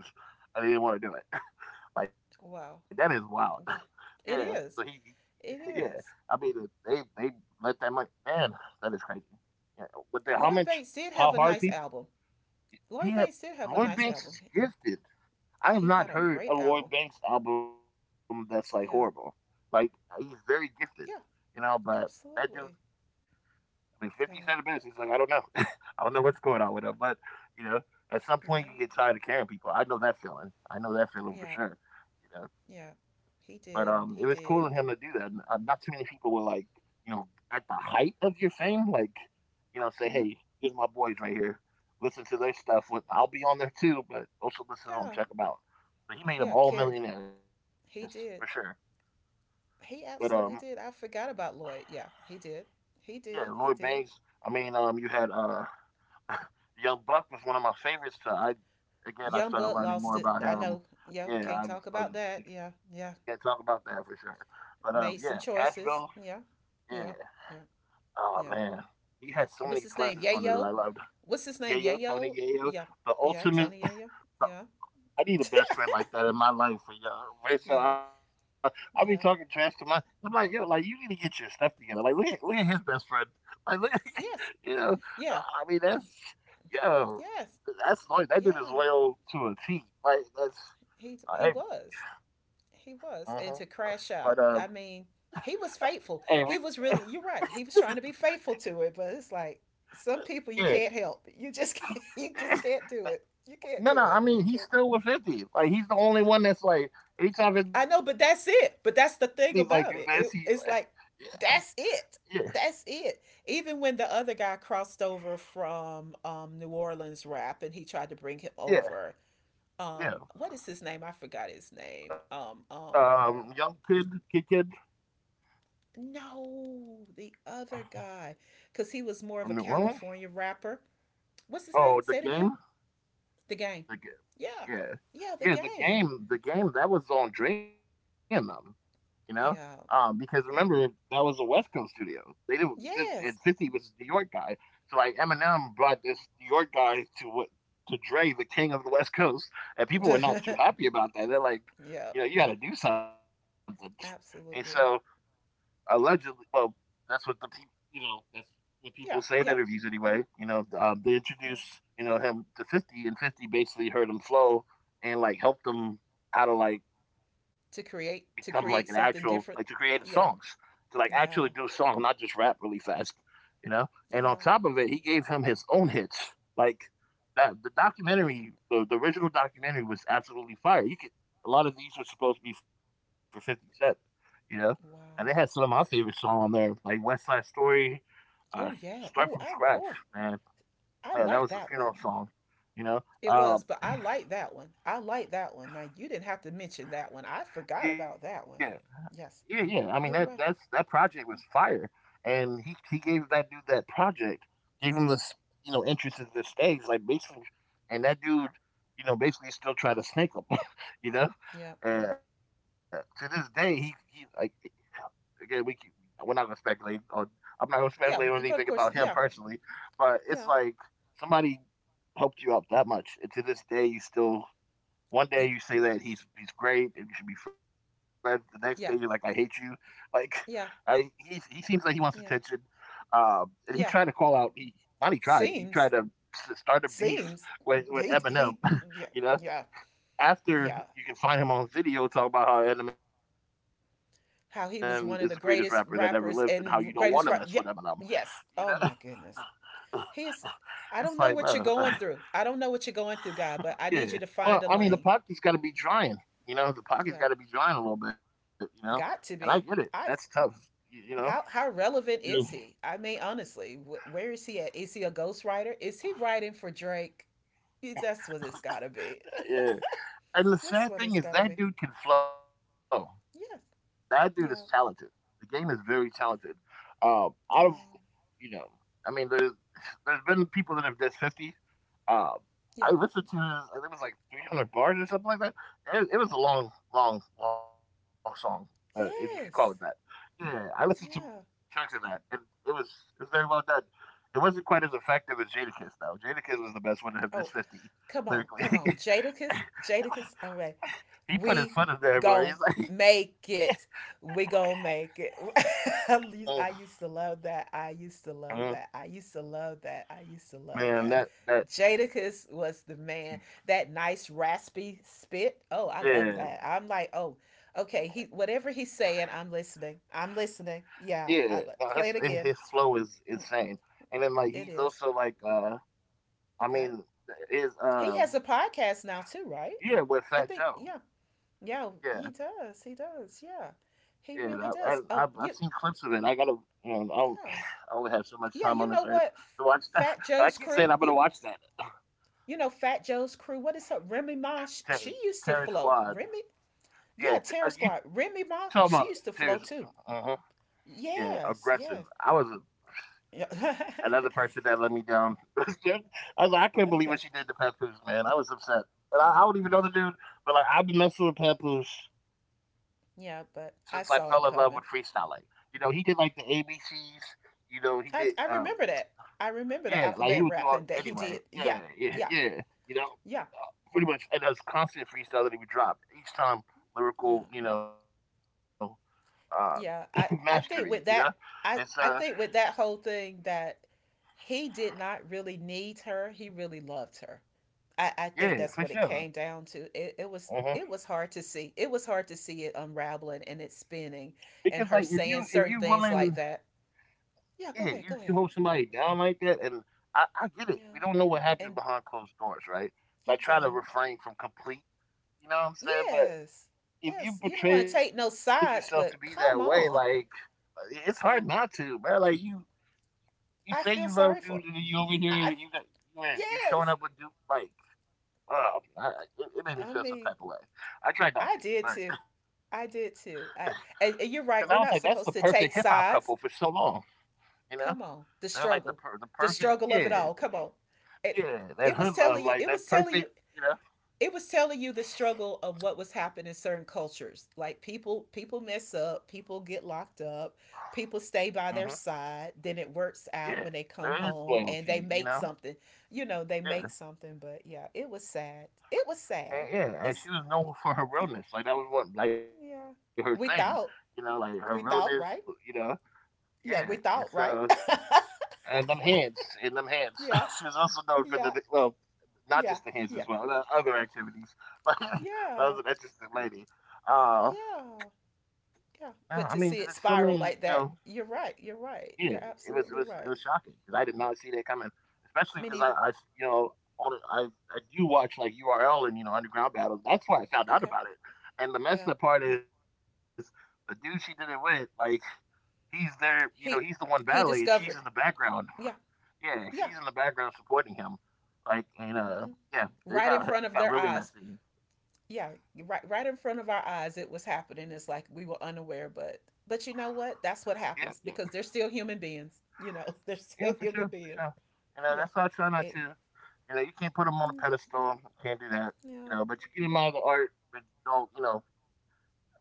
Speaker 2: and he didn't want to do it. Like, that is wild.
Speaker 1: Wow.
Speaker 2: Yeah.
Speaker 1: Wow.
Speaker 2: So
Speaker 1: It is.
Speaker 2: yeah.
Speaker 1: It
Speaker 2: I mean,
Speaker 1: is.
Speaker 2: they let that money. Man, that is crazy. Yeah. With the
Speaker 1: Lloyd Banks did
Speaker 2: how
Speaker 1: have a
Speaker 2: hard
Speaker 1: nice
Speaker 2: people
Speaker 1: album.
Speaker 2: he
Speaker 1: Lloyd
Speaker 2: had.
Speaker 1: Banks did have a
Speaker 2: Lloyd
Speaker 1: nice
Speaker 2: Banks
Speaker 1: album.
Speaker 2: is
Speaker 1: He,
Speaker 2: gifted. I have
Speaker 1: he
Speaker 2: not
Speaker 1: had a
Speaker 2: heard a
Speaker 1: great album.
Speaker 2: Lloyd Banks album that's like horrible.
Speaker 1: Yeah.
Speaker 2: Like he's very gifted,
Speaker 1: Yeah.
Speaker 2: you know. But that dude
Speaker 1: Absolutely.
Speaker 2: I mean, 50
Speaker 1: Yeah.
Speaker 2: said it best. He's like, I don't know. I don't know what's going on with him. But, you know, at
Speaker 1: Yeah.
Speaker 2: some point you get tired of carrying people. I know that feeling. I
Speaker 1: Yeah.
Speaker 2: know that feeling for sure.
Speaker 1: Yeah,
Speaker 2: You know,
Speaker 1: he
Speaker 2: but
Speaker 1: did. He
Speaker 2: it was cool
Speaker 1: did.
Speaker 2: of him to do that. Not too many people will like, you know, at the height of your fame, like, you know,
Speaker 1: Hmm.
Speaker 2: say, hey, here's my boys right here. Listen to their stuff. With I'll be on there too, but also listen to
Speaker 1: Yeah,
Speaker 2: them. Check them out. But he made
Speaker 1: yeah.
Speaker 2: them all
Speaker 1: Carrie,
Speaker 2: millionaires for sure.
Speaker 1: he did.
Speaker 2: But
Speaker 1: He absolutely did. I forgot about Lloyd. Yeah, he did.
Speaker 2: yeah,
Speaker 1: He
Speaker 2: Lloyd
Speaker 1: did. He
Speaker 2: Banks.
Speaker 1: did.
Speaker 2: You had Young Buck was one of my favorites. So I Again, I
Speaker 1: Young
Speaker 2: started
Speaker 1: Bud
Speaker 2: learning
Speaker 1: lost
Speaker 2: more
Speaker 1: it.
Speaker 2: about
Speaker 1: I
Speaker 2: him.
Speaker 1: know. Yeah,
Speaker 2: Yeah,
Speaker 1: can't
Speaker 2: I was,
Speaker 1: talk about that.
Speaker 2: we can't
Speaker 1: Yeah,
Speaker 2: talk about
Speaker 1: yeah.
Speaker 2: that for sure. But Yeah,
Speaker 1: Made some
Speaker 2: Cashville.
Speaker 1: choices. Yeah,
Speaker 2: Yeah.
Speaker 1: yeah, yeah,
Speaker 2: Oh man,
Speaker 1: yeah.
Speaker 2: he had so many
Speaker 1: What's
Speaker 2: classics
Speaker 1: his
Speaker 2: on
Speaker 1: name?
Speaker 2: there that I
Speaker 1: Yayo.
Speaker 2: loved.
Speaker 1: What's his
Speaker 2: Yayo,
Speaker 1: name?
Speaker 2: Tony
Speaker 1: Yayo.
Speaker 2: Yayo,
Speaker 1: Yeah,
Speaker 2: the
Speaker 1: yeah.
Speaker 2: ultimate,
Speaker 1: Tony Yayo.
Speaker 2: the
Speaker 1: Yeah,
Speaker 2: I need a best friend like that in my life for y'all. Right?
Speaker 1: yeah,
Speaker 2: I'll be talking trash to my.
Speaker 1: yeah.
Speaker 2: I'm like, yo, like you need to get your stuff together. Like, look at his best friend. Like, look, at- you know,
Speaker 1: Yes.
Speaker 2: uh, I mean,
Speaker 1: Yeah.
Speaker 2: that's yo,
Speaker 1: Yes.
Speaker 2: that's like that dude is
Speaker 1: Yeah.
Speaker 2: loyal to a T. Like, that's
Speaker 1: He he
Speaker 2: hey,
Speaker 1: was.
Speaker 2: uh
Speaker 1: He was. And
Speaker 2: but
Speaker 1: to crash out. I mean, he was
Speaker 2: hey, we,
Speaker 1: faithful. He was really, you're right. He was trying to be faithful to it, but it's like some people
Speaker 2: yeah.
Speaker 1: you can't help. You just can't do it. You can't
Speaker 2: No,
Speaker 1: do
Speaker 2: no, I
Speaker 1: it.
Speaker 2: mean
Speaker 1: You
Speaker 2: he's
Speaker 1: can't.
Speaker 2: still with 50. Like he's the only one that's like anytime 50's
Speaker 1: I know,
Speaker 2: like
Speaker 1: but
Speaker 2: do
Speaker 1: that's
Speaker 2: this, he's
Speaker 1: it. But
Speaker 2: like,
Speaker 1: that's the thing about it. It's like
Speaker 2: yeah,
Speaker 1: that's it. That's it. Even when the other guy crossed over from, New Orleans rap and he tried to bring him
Speaker 2: yeah,
Speaker 1: over, what
Speaker 2: yeah,
Speaker 1: is his name? I forgot his name.
Speaker 2: yeah. Young kid, kid.
Speaker 1: No, the other guy, because he was more of a
Speaker 2: From New Orleans?
Speaker 1: California rapper. What's his name?
Speaker 2: Oh, the
Speaker 1: Say it again.
Speaker 2: game?
Speaker 1: The game.
Speaker 2: The game.
Speaker 1: Yeah,
Speaker 2: Yeah.
Speaker 1: yeah, the
Speaker 2: Yeah,
Speaker 1: game.
Speaker 2: the game that was on Dre and them, you know? Because
Speaker 1: Yeah,
Speaker 2: remember that was a West Coast studio. They did this and
Speaker 1: yeah,
Speaker 2: 50
Speaker 1: yes.
Speaker 2: was a New York guy. So like Eminem brought this New York guy to what to Dre, the king of the West Coast, and people were not too happy about that. They're like,
Speaker 1: Yeah,
Speaker 2: you know, you gotta do something. And so
Speaker 1: absolutely.
Speaker 2: allegedly, well, that's what the people, you know, that's what people say in
Speaker 1: Yeah,
Speaker 2: interviews
Speaker 1: yeah,
Speaker 2: anyway. You know, they
Speaker 1: yeah.
Speaker 2: introduced, you know, him to 50, and 50 basically heard him flow and like helped him how to like become like an
Speaker 1: To
Speaker 2: actual
Speaker 1: create
Speaker 2: like to
Speaker 1: something
Speaker 2: create
Speaker 1: different.
Speaker 2: songs
Speaker 1: Yeah,
Speaker 2: to like actually do songs,
Speaker 1: yeah,
Speaker 2: not just rap really fast, you know. And on top
Speaker 1: yeah.
Speaker 2: of it, he gave him his own hits. Like that, the documentary, the original documentary was absolutely fire. You could A lot of these were supposed to be for 50 Cent, you know, and they had some of my
Speaker 1: Wow.
Speaker 2: favorite songs on there, like West Side Story, uh,
Speaker 1: Oh
Speaker 2: Start from
Speaker 1: yeah. Oh
Speaker 2: Scratch,
Speaker 1: I oh
Speaker 2: man. Yeah,
Speaker 1: I
Speaker 2: that was a
Speaker 1: like that
Speaker 2: funeral
Speaker 1: one.
Speaker 2: song, you know.
Speaker 1: It
Speaker 2: Um,
Speaker 1: was, but I like that one. I like that one. Now you didn't have to mention that one. I forgot
Speaker 2: yeah,
Speaker 1: about that one.
Speaker 2: Yeah, yeah. I mean
Speaker 1: Yes. You're
Speaker 2: that
Speaker 1: right.
Speaker 2: project was fire, and he gave that dude that project, gave him this you know entrance to the stage, like basically, and that dude, you know, basically still try to snake him, you know.
Speaker 1: Yeah.
Speaker 2: To this day, he like again we can, we're not gonna speculate on I'm not gonna speculate on
Speaker 1: Yeah.
Speaker 2: anything about
Speaker 1: But of
Speaker 2: him
Speaker 1: course, yeah.
Speaker 2: personally, but it's like
Speaker 1: Yeah.
Speaker 2: somebody helped you out that much, and to this day you still one day
Speaker 1: You.
Speaker 2: you say that he's great and you should be friends. The next day you're like, I hate
Speaker 1: Yeah.
Speaker 2: you. Like, I
Speaker 1: Yeah.
Speaker 2: he seems like he wants attention,
Speaker 1: Yeah.
Speaker 2: and he tried to call
Speaker 1: Yeah.
Speaker 2: out. He not he tried. He tried to
Speaker 1: Seems.
Speaker 2: start a beef
Speaker 1: Seems.
Speaker 2: with
Speaker 1: He.
Speaker 2: Eminem.
Speaker 1: He.
Speaker 2: You
Speaker 1: Yeah.
Speaker 2: know,
Speaker 1: Yeah.
Speaker 2: after
Speaker 1: Yeah.
Speaker 2: you can find him on video talking about how Eminem is the greatest rapper that ever
Speaker 1: How
Speaker 2: lived and
Speaker 1: he
Speaker 2: how
Speaker 1: was
Speaker 2: you
Speaker 1: one
Speaker 2: don't
Speaker 1: of the
Speaker 2: want to mess
Speaker 1: greatest
Speaker 2: with Eminem.
Speaker 1: rappers and
Speaker 2: You know,
Speaker 1: greatest rap. Yeah. Yes. Oh my goodness.
Speaker 2: it's like, bro,
Speaker 1: He's. I don't know what you're going through. I don't know what you're going
Speaker 2: yeah.
Speaker 1: through, God. But I
Speaker 2: Well, I
Speaker 1: need you
Speaker 2: mean,
Speaker 1: to
Speaker 2: the
Speaker 1: find a
Speaker 2: pocket's got to
Speaker 1: lane.
Speaker 2: be drying. You know, the pocket's got to be
Speaker 1: Yeah.
Speaker 2: drying a little bit. You know, and I get it.
Speaker 1: Got to
Speaker 2: That's
Speaker 1: be.
Speaker 2: tough.
Speaker 1: I.
Speaker 2: You know.
Speaker 1: How
Speaker 2: Yeah.
Speaker 1: relevant is he? I mean, honestly, where is he at? Is he a ghostwriter? Is he writing for Drake? That's what it's gotta be.
Speaker 2: Yeah. And the
Speaker 1: That's
Speaker 2: sad
Speaker 1: what
Speaker 2: thing
Speaker 1: it's
Speaker 2: is
Speaker 1: gotta
Speaker 2: that
Speaker 1: be.
Speaker 2: dude can flow. That
Speaker 1: Yes.
Speaker 2: dude is talented.
Speaker 1: Yeah.
Speaker 2: The game is very talented. Um, out of
Speaker 1: Yeah.
Speaker 2: You know, I mean, there's been people that have dissed 50. Um, I
Speaker 1: Yeah.
Speaker 2: listened to his, I think it was like 300 bars or something like that. It was a long, long song, if you could call it that.
Speaker 1: Yes.
Speaker 2: Yeah, I listened to
Speaker 1: Yeah.
Speaker 2: chunks of that, and it was it was very well done. It wasn't quite as effective as Jadakiss though. Jadakiss was the best one of him. This
Speaker 1: Oh,
Speaker 2: 50 lyrically,
Speaker 1: come on, Jadakiss. All right.
Speaker 2: he put his
Speaker 1: We
Speaker 2: foot in there, boy.
Speaker 1: gon'
Speaker 2: He's like,
Speaker 1: make it. We gon' make it.
Speaker 2: oh
Speaker 1: At least I used to love that. I used to
Speaker 2: mm,
Speaker 1: love that. I used to love that. I used to love
Speaker 2: man,
Speaker 1: that.
Speaker 2: that that
Speaker 1: Jadakiss was the man. That nice raspy spit. Oh, I love
Speaker 2: yeah
Speaker 1: that. I'm like, oh, okay. He whatever he's saying, I'm listening.
Speaker 2: yeah. No,
Speaker 1: Play
Speaker 2: his
Speaker 1: it again.
Speaker 2: flow is insane, and then like he's
Speaker 1: It
Speaker 2: also
Speaker 1: is
Speaker 2: like, I
Speaker 1: Okay.
Speaker 2: mean, his
Speaker 1: He has a podcast now too, right?
Speaker 2: yeah, with
Speaker 1: I
Speaker 2: Fat
Speaker 1: think.
Speaker 2: Joe.
Speaker 1: Yeah. Yeah, he
Speaker 2: Yeah,
Speaker 1: does. He does. Yeah,
Speaker 2: yeah.
Speaker 1: he really
Speaker 2: I've
Speaker 1: does.
Speaker 2: seen clips
Speaker 1: You,
Speaker 2: of it. I gotta, you know, do
Speaker 1: yeah,
Speaker 2: I only have so much time on
Speaker 1: yeah.
Speaker 2: this
Speaker 1: You
Speaker 2: earth
Speaker 1: know what?
Speaker 2: to watch stuff.
Speaker 1: Fat
Speaker 2: But I keep
Speaker 1: Joe's
Speaker 2: saying I'm
Speaker 1: crew.
Speaker 2: gonna watch that
Speaker 1: You know Fat Joe's crew. What is her? Remy Ma. She
Speaker 2: Ter-
Speaker 1: used to
Speaker 2: Terror
Speaker 1: flow.
Speaker 2: Squad.
Speaker 1: Remy. Yeah,
Speaker 2: Yeah,
Speaker 1: Terror Squad.
Speaker 2: you talking
Speaker 1: Remy
Speaker 2: about
Speaker 1: Ma.
Speaker 2: Terror?
Speaker 1: She used to flow
Speaker 2: Uh-huh.
Speaker 1: too.
Speaker 2: Yeah,
Speaker 1: Yes.
Speaker 2: aggressive.
Speaker 1: Yes. Yeah.
Speaker 2: Another person that let me down. I was like, I can't believe
Speaker 1: Okay.
Speaker 2: what she did to Papoose, man. I was upset, and I don't even know the dude. But like, I've been messing with Papoose
Speaker 1: Yeah,
Speaker 2: since I
Speaker 1: but
Speaker 2: fell
Speaker 1: I
Speaker 2: in love
Speaker 1: saw
Speaker 2: with
Speaker 1: it coming.
Speaker 2: freestyling. You know, he did like the ABCs. You know, he did.
Speaker 1: I remember that. I remember the
Speaker 2: Yeah, like he
Speaker 1: alphabet
Speaker 2: would do all
Speaker 1: rapping that he
Speaker 2: anyway.
Speaker 1: did. Yeah.
Speaker 2: Yeah,
Speaker 1: Yeah.
Speaker 2: yeah. You know,
Speaker 1: Yeah.
Speaker 2: pretty much, and that was constant freestyle that he would drop each time.
Speaker 1: Yeah.
Speaker 2: Lyrical, you know, uh,
Speaker 1: Yeah, I
Speaker 2: mastery. You
Speaker 1: I
Speaker 2: know,
Speaker 1: think with
Speaker 2: and
Speaker 1: that
Speaker 2: so
Speaker 1: I I think with that whole thing that he did not really need her. He really loved her. I think
Speaker 2: yeah,
Speaker 1: that's what
Speaker 2: for
Speaker 1: it came
Speaker 2: sure.
Speaker 1: down to. It
Speaker 2: Uh-huh.
Speaker 1: was hard to see. It was hard to see it unraveling and it spinning
Speaker 2: Because like
Speaker 1: and her
Speaker 2: if
Speaker 1: saying
Speaker 2: you
Speaker 1: certain things
Speaker 2: willing,
Speaker 1: like that.
Speaker 2: yeah,
Speaker 1: Go
Speaker 2: you
Speaker 1: ahead.
Speaker 2: hold somebody down like that, and I get it.
Speaker 1: Yeah.
Speaker 2: We don't know what
Speaker 1: And
Speaker 2: happens behind closed doors, right?
Speaker 1: you
Speaker 2: So I
Speaker 1: don't.
Speaker 2: try to refrain from complete. You know what I'm saying?
Speaker 1: Yes.
Speaker 2: But
Speaker 1: Yes, you
Speaker 2: if
Speaker 1: don't
Speaker 2: you
Speaker 1: want to take no
Speaker 2: portrayed yourself to
Speaker 1: sides,
Speaker 2: be
Speaker 1: but
Speaker 2: that way,
Speaker 1: come
Speaker 2: like
Speaker 1: on.
Speaker 2: it's hard not
Speaker 1: Come
Speaker 2: to, man. Like you
Speaker 1: I
Speaker 2: say
Speaker 1: feel
Speaker 2: you
Speaker 1: sorry
Speaker 2: love
Speaker 1: for
Speaker 2: dude, and then you over here,
Speaker 1: I
Speaker 2: you got you ain't- you
Speaker 1: yes.
Speaker 2: showing up with dude, like, oh, I, it,
Speaker 1: I
Speaker 2: it made me
Speaker 1: mean,
Speaker 2: feel some type of way.
Speaker 1: I
Speaker 2: I tried
Speaker 1: did
Speaker 2: not to,
Speaker 1: too.
Speaker 2: but
Speaker 1: I did too. I And
Speaker 2: because I
Speaker 1: you're
Speaker 2: was like,
Speaker 1: right. We're
Speaker 2: that's the
Speaker 1: not supposed
Speaker 2: perfect
Speaker 1: to
Speaker 2: hip
Speaker 1: take
Speaker 2: hop couple for
Speaker 1: sides.
Speaker 2: so long, you know.
Speaker 1: Come on, the
Speaker 2: They're like
Speaker 1: struggle,
Speaker 2: the
Speaker 1: The
Speaker 2: perfect,
Speaker 1: struggle of it all.
Speaker 2: yeah,
Speaker 1: Come on, it
Speaker 2: yeah,
Speaker 1: it was
Speaker 2: that hood
Speaker 1: telling you.
Speaker 2: love, like that perfect, you know.
Speaker 1: It was telling you the struggle of what was happening in certain cultures. People mess up. People get locked up. People stay by
Speaker 2: Hmm
Speaker 1: their side. Then it works out when
Speaker 2: Yeah,
Speaker 1: they come
Speaker 2: there is
Speaker 1: home and they
Speaker 2: loyalty,
Speaker 1: make
Speaker 2: you know.
Speaker 1: something. You know, they make
Speaker 2: Yeah.
Speaker 1: something. But yeah, it was sad. It was sad.
Speaker 2: And
Speaker 1: It's
Speaker 2: yeah, and she was known for her realness. Like that was what like
Speaker 1: Yeah.
Speaker 2: her thing.
Speaker 1: We
Speaker 2: You
Speaker 1: thought.
Speaker 2: know, like her
Speaker 1: We
Speaker 2: realness,
Speaker 1: thought right.
Speaker 2: you know.
Speaker 1: Yeah,
Speaker 2: Yeah.
Speaker 1: we
Speaker 2: And
Speaker 1: thought, right?
Speaker 2: so And them hands.
Speaker 1: Yeah,
Speaker 2: she was also known for
Speaker 1: yeah, yeah,
Speaker 2: not just the
Speaker 1: yeah,
Speaker 2: hands as well, the other activities. But that
Speaker 1: yeah,
Speaker 2: was an interesting lady. Uh
Speaker 1: yeah, yeah.
Speaker 2: yeah, I
Speaker 1: But to
Speaker 2: mean there's
Speaker 1: see it
Speaker 2: so
Speaker 1: spiral
Speaker 2: many, you
Speaker 1: like that,
Speaker 2: know,
Speaker 1: you're right. You're
Speaker 2: yeah,
Speaker 1: absolutely right.
Speaker 2: it was shocking because I did not see that coming,
Speaker 1: Me
Speaker 2: especially
Speaker 1: neither.
Speaker 2: because I you know on I do watch like URL and you know underground battles. That's
Speaker 1: Okay.
Speaker 2: why I found out about it.
Speaker 1: Yeah.
Speaker 2: And the messed up part is the dude she did it with, like he's there, you
Speaker 1: He
Speaker 2: know, he's the one
Speaker 1: he
Speaker 2: battling, and
Speaker 1: discovered.
Speaker 2: she's in the background.
Speaker 1: Yeah. Yeah.
Speaker 2: Yeah, she's in the background supporting him. Like
Speaker 1: Hmm.
Speaker 2: and
Speaker 1: Right
Speaker 2: yeah,
Speaker 1: in front of their
Speaker 2: it
Speaker 1: eyes.
Speaker 2: got really messy.
Speaker 1: Yeah. Right. Right in front of our eyes, it was happening. It's like we were unaware, but you know what? That's what
Speaker 2: Yeah,
Speaker 1: happens because they're still human beings. You know, they're still
Speaker 2: yeah,
Speaker 1: human
Speaker 2: for sure,
Speaker 1: beings. Yeah.
Speaker 2: And that's why I
Speaker 1: It.
Speaker 2: try not to. You know, you
Speaker 1: Mm.
Speaker 2: can't put them on a pedestal. You can't
Speaker 1: Yeah.
Speaker 2: do that. You know, but you can admire the art, but don't. You know,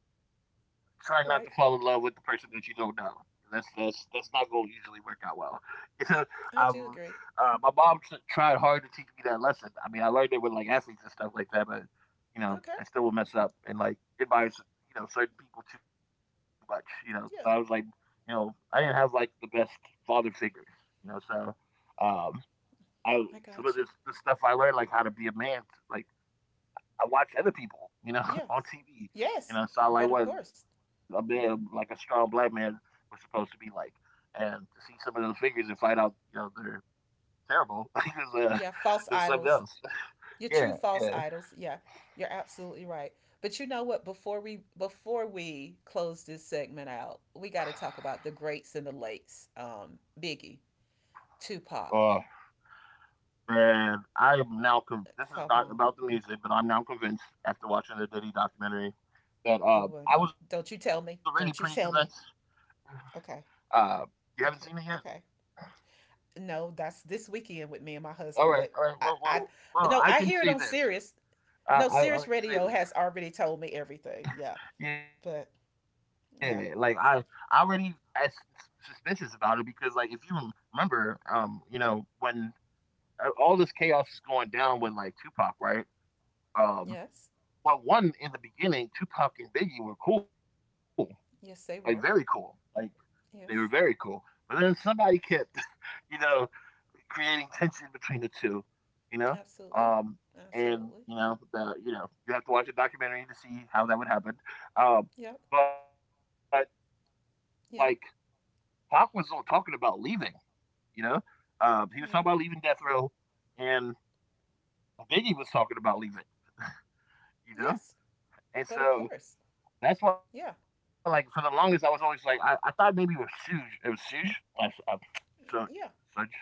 Speaker 2: try not
Speaker 1: Right.
Speaker 2: to fall in love with the person that you don't know. That's not going to usually work out well. You know,
Speaker 1: I do
Speaker 2: I've
Speaker 1: agree.
Speaker 2: my mom tried hard to teach me that lesson. I mean, I learned it with like athletes and stuff like that, but
Speaker 1: Okay.
Speaker 2: you know, I still would mess up and like admire s- you know certain people too much. You know, 'cause I
Speaker 1: Yeah.
Speaker 2: was like, you know, I didn't have like the best father figures. You know, so um,
Speaker 1: I
Speaker 2: I
Speaker 1: got you.
Speaker 2: some of this the stuff I learned, like how to be a man, like I watch other people,
Speaker 1: Yes.
Speaker 2: you know, on TV,
Speaker 1: Yes.
Speaker 2: you
Speaker 1: But
Speaker 2: know,
Speaker 1: of
Speaker 2: so I like
Speaker 1: course.
Speaker 2: what a man, like a strong black man, was supposed to be like, and to see some of those figures and find out, you know, they're terrible
Speaker 1: Yeah. False
Speaker 2: is something
Speaker 1: idols.
Speaker 2: else.
Speaker 1: Your true
Speaker 2: Yeah,
Speaker 1: false
Speaker 2: yeah.
Speaker 1: idols. Yeah. You're absolutely right. But you know what? Before we close this segment out, we got to talk about the greats and the lates. Biggie, Tupac.
Speaker 2: Oh man, I am now. This is
Speaker 1: Come
Speaker 2: not
Speaker 1: on.
Speaker 2: about the music, but I'm now convinced after watching the Diddy documentary that
Speaker 1: Oh, my g-
Speaker 2: I was already
Speaker 1: don't you
Speaker 2: pretty
Speaker 1: tell me.
Speaker 2: convinced. Uh,
Speaker 1: Okay.
Speaker 2: you haven't seen it yet?
Speaker 1: Okay. Okay. No, that's this weekend with me and my
Speaker 2: All
Speaker 1: husband.
Speaker 2: right,
Speaker 1: But
Speaker 2: all right.
Speaker 1: I, I,
Speaker 2: Well,
Speaker 1: no,
Speaker 2: I
Speaker 1: I hear
Speaker 2: can
Speaker 1: it on
Speaker 2: say this.
Speaker 1: Sirius. No, Sirius
Speaker 2: I can
Speaker 1: Radio
Speaker 2: say
Speaker 1: has
Speaker 2: this.
Speaker 1: already told me everything. Yeah.
Speaker 2: Yeah,
Speaker 1: But
Speaker 2: like I
Speaker 1: yeah.
Speaker 2: already as suspicious about it because, like, if you remember, you know, when all this chaos is going down with like Tupac, right? Um,
Speaker 1: Yes.
Speaker 2: well, one in the beginning, Tupac and Biggie were cool, like
Speaker 1: Yes, they
Speaker 2: very
Speaker 1: were.
Speaker 2: cool, like they were
Speaker 1: Yes.
Speaker 2: very cool. But then somebody kept, you know, creating tension between the two, you know?
Speaker 1: Absolutely.
Speaker 2: Um,
Speaker 1: Absolutely.
Speaker 2: and you know, you have to watch a documentary to see how that would happen.
Speaker 1: Yep.
Speaker 2: Um, but like
Speaker 1: Yep.
Speaker 2: Pac was all talking about leaving, you know?
Speaker 1: Yep.
Speaker 2: He was talking about leaving Death Row and Biggie was talking about leaving,
Speaker 1: Yes.
Speaker 2: you know?
Speaker 1: But of course.
Speaker 2: And so
Speaker 1: Yeah.
Speaker 2: that's why, like, for the longest, I was always like, I thought maybe it was Suge. It was Suge. Like,
Speaker 1: Yeah.
Speaker 2: Suge.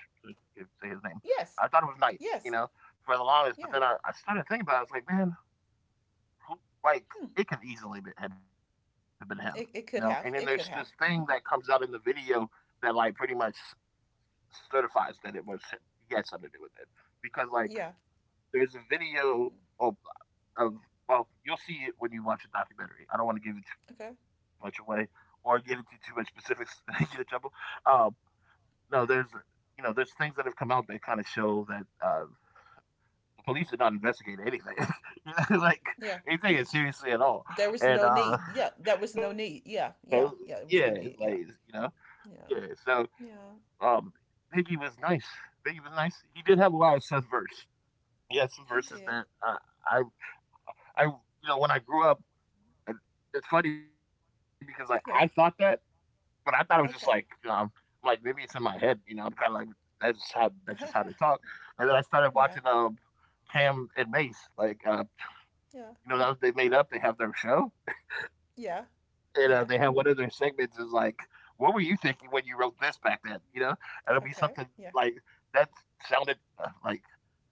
Speaker 2: Suge. Suge. I can't say his
Speaker 1: Yes.
Speaker 2: name. I thought it was
Speaker 1: Yes.
Speaker 2: Knight, you know,
Speaker 1: Yeah.
Speaker 2: for the longest. But then I started thinking about it. I was like, man,
Speaker 1: Hmm.
Speaker 2: who- like, it could easily be, have been him,
Speaker 1: It
Speaker 2: you
Speaker 1: could
Speaker 2: know?
Speaker 1: have.
Speaker 2: And then
Speaker 1: It could
Speaker 2: there's
Speaker 1: have.
Speaker 2: this thing that comes out in the video that, like, pretty much certifies that it was him. He had something to do with it.
Speaker 1: Yeah.
Speaker 2: Because, like, there's a
Speaker 1: Mm.
Speaker 2: video or of well, you'll see it when you watch the documentary. I
Speaker 1: Okay.
Speaker 2: don't want to give it too much away or get into too much specifics and get in trouble. Um, no, there's you know there's things that have come out that kind of show that the police did not investigate anything, you
Speaker 1: Yeah.
Speaker 2: know, like they take it
Speaker 1: There was
Speaker 2: seriously
Speaker 1: no
Speaker 2: at all.
Speaker 1: need. Yeah.
Speaker 2: And
Speaker 1: There was no need. Yeah. Yeah.
Speaker 2: so,
Speaker 1: Yeah. It was no
Speaker 2: yeah,
Speaker 1: need.
Speaker 2: it's like
Speaker 1: Yeah. Yeah.
Speaker 2: yeah. So
Speaker 1: Yeah.
Speaker 2: um, Biggie was nice. Biggie was nice. He did have a lot of Seth.
Speaker 1: He
Speaker 2: He
Speaker 1: did.
Speaker 2: had some verses that I I when I grew up. And it's funny because like
Speaker 1: Yeah.
Speaker 2: I thought that, but I thought it was
Speaker 1: Okay.
Speaker 2: just um like maybe it's in my head, you know. I'm kind of like that's just how they talk. And then
Speaker 1: No.
Speaker 2: I started watching Cam and Mace, like,
Speaker 1: Yeah.
Speaker 2: you know that was, they made up. They have their show,
Speaker 1: Yeah.
Speaker 2: and
Speaker 1: Yeah.
Speaker 2: they have one of their segments is like, "What were you thinking when you wrote this back then?" You know, and it'll
Speaker 1: Okay.
Speaker 2: be
Speaker 1: Yeah.
Speaker 2: something like that sounded like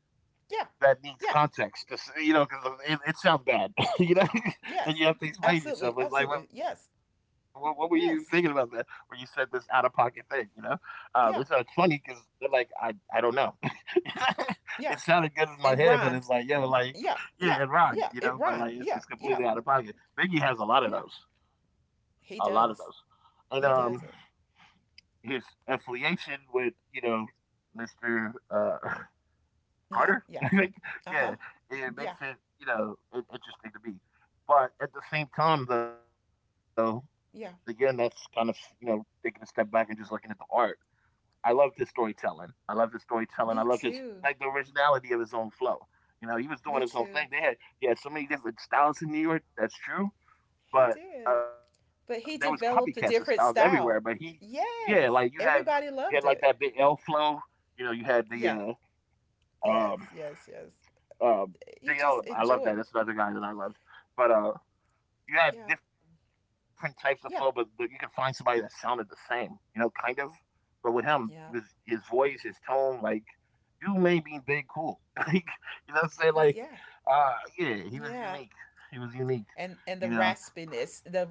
Speaker 1: Yeah. Yeah.
Speaker 2: that needs context. You know, because it sounds bad. You know,
Speaker 1: Yes.
Speaker 2: and you have to
Speaker 1: Absolutely.
Speaker 2: explain
Speaker 1: Absolutely.
Speaker 2: yourself. It's
Speaker 1: Yes.
Speaker 2: like, what were you thinking about
Speaker 1: Yes.
Speaker 2: that when you said this out of pocket thing? You know,
Speaker 1: Yeah.
Speaker 2: it's funny because they're like, I don't know. It
Speaker 1: Yeah.
Speaker 2: sounded good in my
Speaker 1: It
Speaker 2: head, but
Speaker 1: rhymed.
Speaker 2: it's like, yo, like,
Speaker 1: Yeah. Yeah.
Speaker 2: yeah, it
Speaker 1: Yeah.
Speaker 2: rhymed. You
Speaker 1: It
Speaker 2: know,
Speaker 1: rhymed.
Speaker 2: but like,
Speaker 1: Yeah.
Speaker 2: it's
Speaker 1: Yeah.
Speaker 2: completely out of pocket. Biggie has a
Speaker 1: Yeah.
Speaker 2: lot of those, a lot of
Speaker 1: He
Speaker 2: those,
Speaker 1: does.
Speaker 2: and
Speaker 1: He does it.
Speaker 2: his affiliation with you know, Mister.
Speaker 1: Huh.
Speaker 2: Carter?
Speaker 1: Yeah.
Speaker 2: I think,
Speaker 1: Uh huh.
Speaker 2: yeah, it
Speaker 1: Yeah.
Speaker 2: makes it, you know, it, interesting to me. But at the same time, though, again, that's
Speaker 1: Yeah.
Speaker 2: kind of, you know, taking a step back and just looking at the art. I love his storytelling. I love his storytelling. I love
Speaker 1: Me
Speaker 2: his, like,
Speaker 1: too.
Speaker 2: the originality of his own flow. You know, he was doing
Speaker 1: Me
Speaker 2: his own thing.
Speaker 1: too.
Speaker 2: They had, he had so many different styles in New York. That's true.
Speaker 1: He
Speaker 2: But
Speaker 1: did.
Speaker 2: there was
Speaker 1: But
Speaker 2: copycats of
Speaker 1: he
Speaker 2: styles
Speaker 1: developed a
Speaker 2: everywhere. But
Speaker 1: different
Speaker 2: he,
Speaker 1: style.
Speaker 2: yeah, like,
Speaker 1: Yes.
Speaker 2: you had, like,
Speaker 1: Everybody
Speaker 2: that big
Speaker 1: loved
Speaker 2: L
Speaker 1: it.
Speaker 2: flow. You know, you had the,
Speaker 1: Yeah.
Speaker 2: uh, um,
Speaker 1: Yes. Yes. Yes.
Speaker 2: um,
Speaker 1: You
Speaker 2: DL,
Speaker 1: just
Speaker 2: love
Speaker 1: enjoy
Speaker 2: that.
Speaker 1: it.
Speaker 2: That's another guy that I loved. But you had
Speaker 1: Yeah.
Speaker 2: different types of flow, but you could find
Speaker 1: Yeah.
Speaker 2: somebody that sounded the same, you know, kind of. But with him, he was his
Speaker 1: Yeah.
Speaker 2: voice, his tone, like you made me big cool. Like you know what I'm saying? Like
Speaker 1: He, yeah.
Speaker 2: yeah, he was unique.
Speaker 1: Yeah.
Speaker 2: He was unique,
Speaker 1: And
Speaker 2: you
Speaker 1: and the
Speaker 2: know.
Speaker 1: raspiness the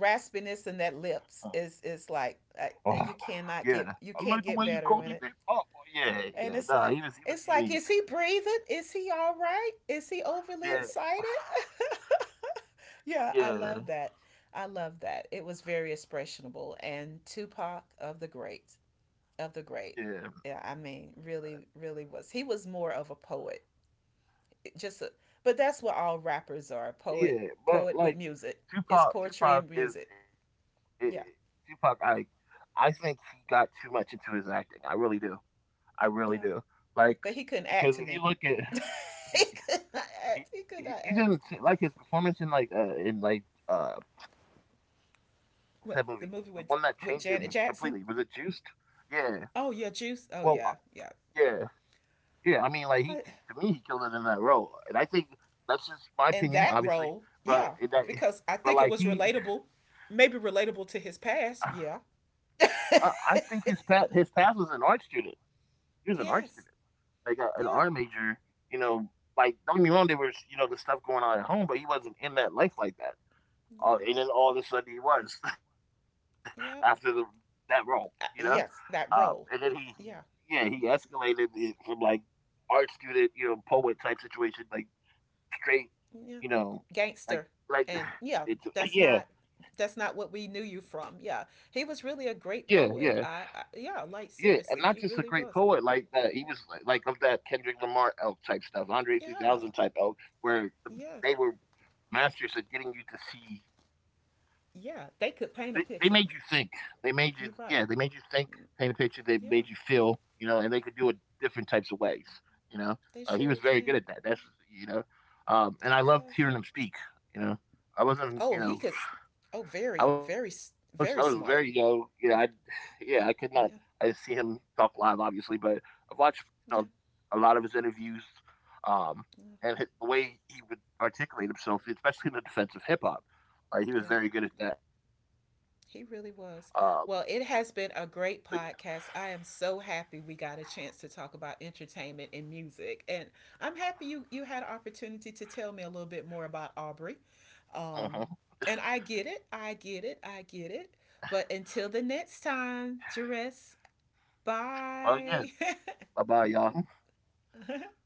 Speaker 2: Uh,
Speaker 1: raspiness in that lips is
Speaker 2: oh
Speaker 1: is like
Speaker 2: yeah.
Speaker 1: you
Speaker 2: I
Speaker 1: cannot
Speaker 2: like the
Speaker 1: get
Speaker 2: way you
Speaker 1: you
Speaker 2: called
Speaker 1: can't
Speaker 2: me
Speaker 1: get
Speaker 2: big
Speaker 1: better
Speaker 2: up.
Speaker 1: in it,
Speaker 2: Yeah, yeah. Nah, he
Speaker 1: and
Speaker 2: was he
Speaker 1: it's
Speaker 2: was
Speaker 1: like
Speaker 2: unique.
Speaker 1: is he breathing, is he all right, is he
Speaker 2: Yeah.
Speaker 1: overly excited? Yeah, I
Speaker 2: Yeah.
Speaker 1: love that. I love that. It was very expressionable. And Tupac of the great, of the
Speaker 2: Yeah.
Speaker 1: great yeah, I mean, really, really was. He was more of a poet. It just a, but that's what all rappers are, poet,
Speaker 2: Yeah, but
Speaker 1: with
Speaker 2: like
Speaker 1: music. It's poetry
Speaker 2: Tupac
Speaker 1: and
Speaker 2: is
Speaker 1: music.
Speaker 2: it, Tupac.
Speaker 1: Yeah.
Speaker 2: I think he got too much into his acting. I really do. I really do.
Speaker 1: Yeah.
Speaker 2: Like
Speaker 1: But he
Speaker 2: because
Speaker 1: couldn't
Speaker 2: if you
Speaker 1: act to
Speaker 2: look
Speaker 1: me.
Speaker 2: at he,
Speaker 1: He could not
Speaker 2: he,
Speaker 1: act. He
Speaker 2: he
Speaker 1: could not
Speaker 2: you didn't
Speaker 1: act
Speaker 2: see,
Speaker 1: to me.
Speaker 2: like his performance in like what's that movie the one
Speaker 1: What
Speaker 2: that
Speaker 1: the
Speaker 2: changed
Speaker 1: movie
Speaker 2: him
Speaker 1: with
Speaker 2: completely was it
Speaker 1: Janet
Speaker 2: Juiced?
Speaker 1: Jackson?
Speaker 2: Yeah.
Speaker 1: Oh yeah,
Speaker 2: Well,
Speaker 1: Juice. Oh yeah, yeah.
Speaker 2: yeah, yeah. I mean, like he
Speaker 1: I,
Speaker 2: to me he killed it in that role, and I think that's just my
Speaker 1: in
Speaker 2: opinion,
Speaker 1: that
Speaker 2: obviously.
Speaker 1: role,
Speaker 2: But
Speaker 1: yeah,
Speaker 2: it, that,
Speaker 1: because I
Speaker 2: but
Speaker 1: think it
Speaker 2: like
Speaker 1: was
Speaker 2: he.
Speaker 1: relatable, maybe relatable to his past. Yeah.
Speaker 2: I think his pa his past was an art student. He was an art student,
Speaker 1: Yes.
Speaker 2: like a, an art
Speaker 1: Yeah.
Speaker 2: major. You know, like don't get me wrong, there was you know the stuff going on at home, but he wasn't in that life like that.
Speaker 1: Yep.
Speaker 2: And then all of a sudden he was after the,
Speaker 1: Yep.
Speaker 2: that role, you know.
Speaker 1: Yes,
Speaker 2: And then
Speaker 1: that role.
Speaker 2: he yeah he
Speaker 1: Yeah.
Speaker 2: escalated it from like art student, you know, poet type situation, like straight, you
Speaker 1: Yeah,
Speaker 2: know, like
Speaker 1: gangster.
Speaker 2: like
Speaker 1: And yeah,
Speaker 2: it's
Speaker 1: that's
Speaker 2: yeah
Speaker 1: not that's not what we knew you from. Yeah, he was
Speaker 2: yeah
Speaker 1: really a
Speaker 2: yeah.
Speaker 1: great poet. I,
Speaker 2: Yeah,
Speaker 1: yeah,
Speaker 2: and not
Speaker 1: like
Speaker 2: just a great
Speaker 1: seriously, he
Speaker 2: poet
Speaker 1: really
Speaker 2: like
Speaker 1: was.
Speaker 2: that. He was like of that Kendrick Lamar elk type stuff, Andre 3000 type
Speaker 1: Yeah.
Speaker 2: elk, where the- they
Speaker 1: Yes.
Speaker 2: were masters at getting you to see. They,
Speaker 1: Yeah,
Speaker 2: they
Speaker 1: they
Speaker 2: made you
Speaker 1: could
Speaker 2: think.
Speaker 1: paint a picture.
Speaker 2: They made you, yeah, they made you
Speaker 1: You're
Speaker 2: think,
Speaker 1: right.
Speaker 2: paint a picture. They made you feel,
Speaker 1: Yeah,
Speaker 2: you know, and they could do it different types of ways. You know, he
Speaker 1: they
Speaker 2: was very
Speaker 1: surely
Speaker 2: good at that.
Speaker 1: can.
Speaker 2: That's you know, and I
Speaker 1: He
Speaker 2: loved
Speaker 1: was
Speaker 2: hearing him speak. You know, I wasn't,
Speaker 1: Oh,
Speaker 2: you
Speaker 1: he
Speaker 2: know,
Speaker 1: could. Oh, very,
Speaker 2: I was
Speaker 1: very,
Speaker 2: very young,
Speaker 1: very
Speaker 2: you know, I
Speaker 1: smart.
Speaker 2: yeah, I could not I didn't see
Speaker 1: Yeah.
Speaker 2: him talk live obviously, but I watched you know,
Speaker 1: Yeah.
Speaker 2: a lot of his interviews um and
Speaker 1: Yeah.
Speaker 2: the way he would articulate himself, especially in the defense of hip hop. Like he was
Speaker 1: Yeah.
Speaker 2: very good at that. Um
Speaker 1: He really was. Well,
Speaker 2: but
Speaker 1: it has been a great podcast. I am so happy we got a chance to talk about entertainment and music. And I'm happy you had an opportunity to tell me a little bit more about Aubrey.
Speaker 2: yeah,
Speaker 1: Um,
Speaker 2: uh-huh.
Speaker 1: and I get it. But until the next time, Jerez,
Speaker 2: Well yeah,
Speaker 1: bye.
Speaker 2: bye bye y'all.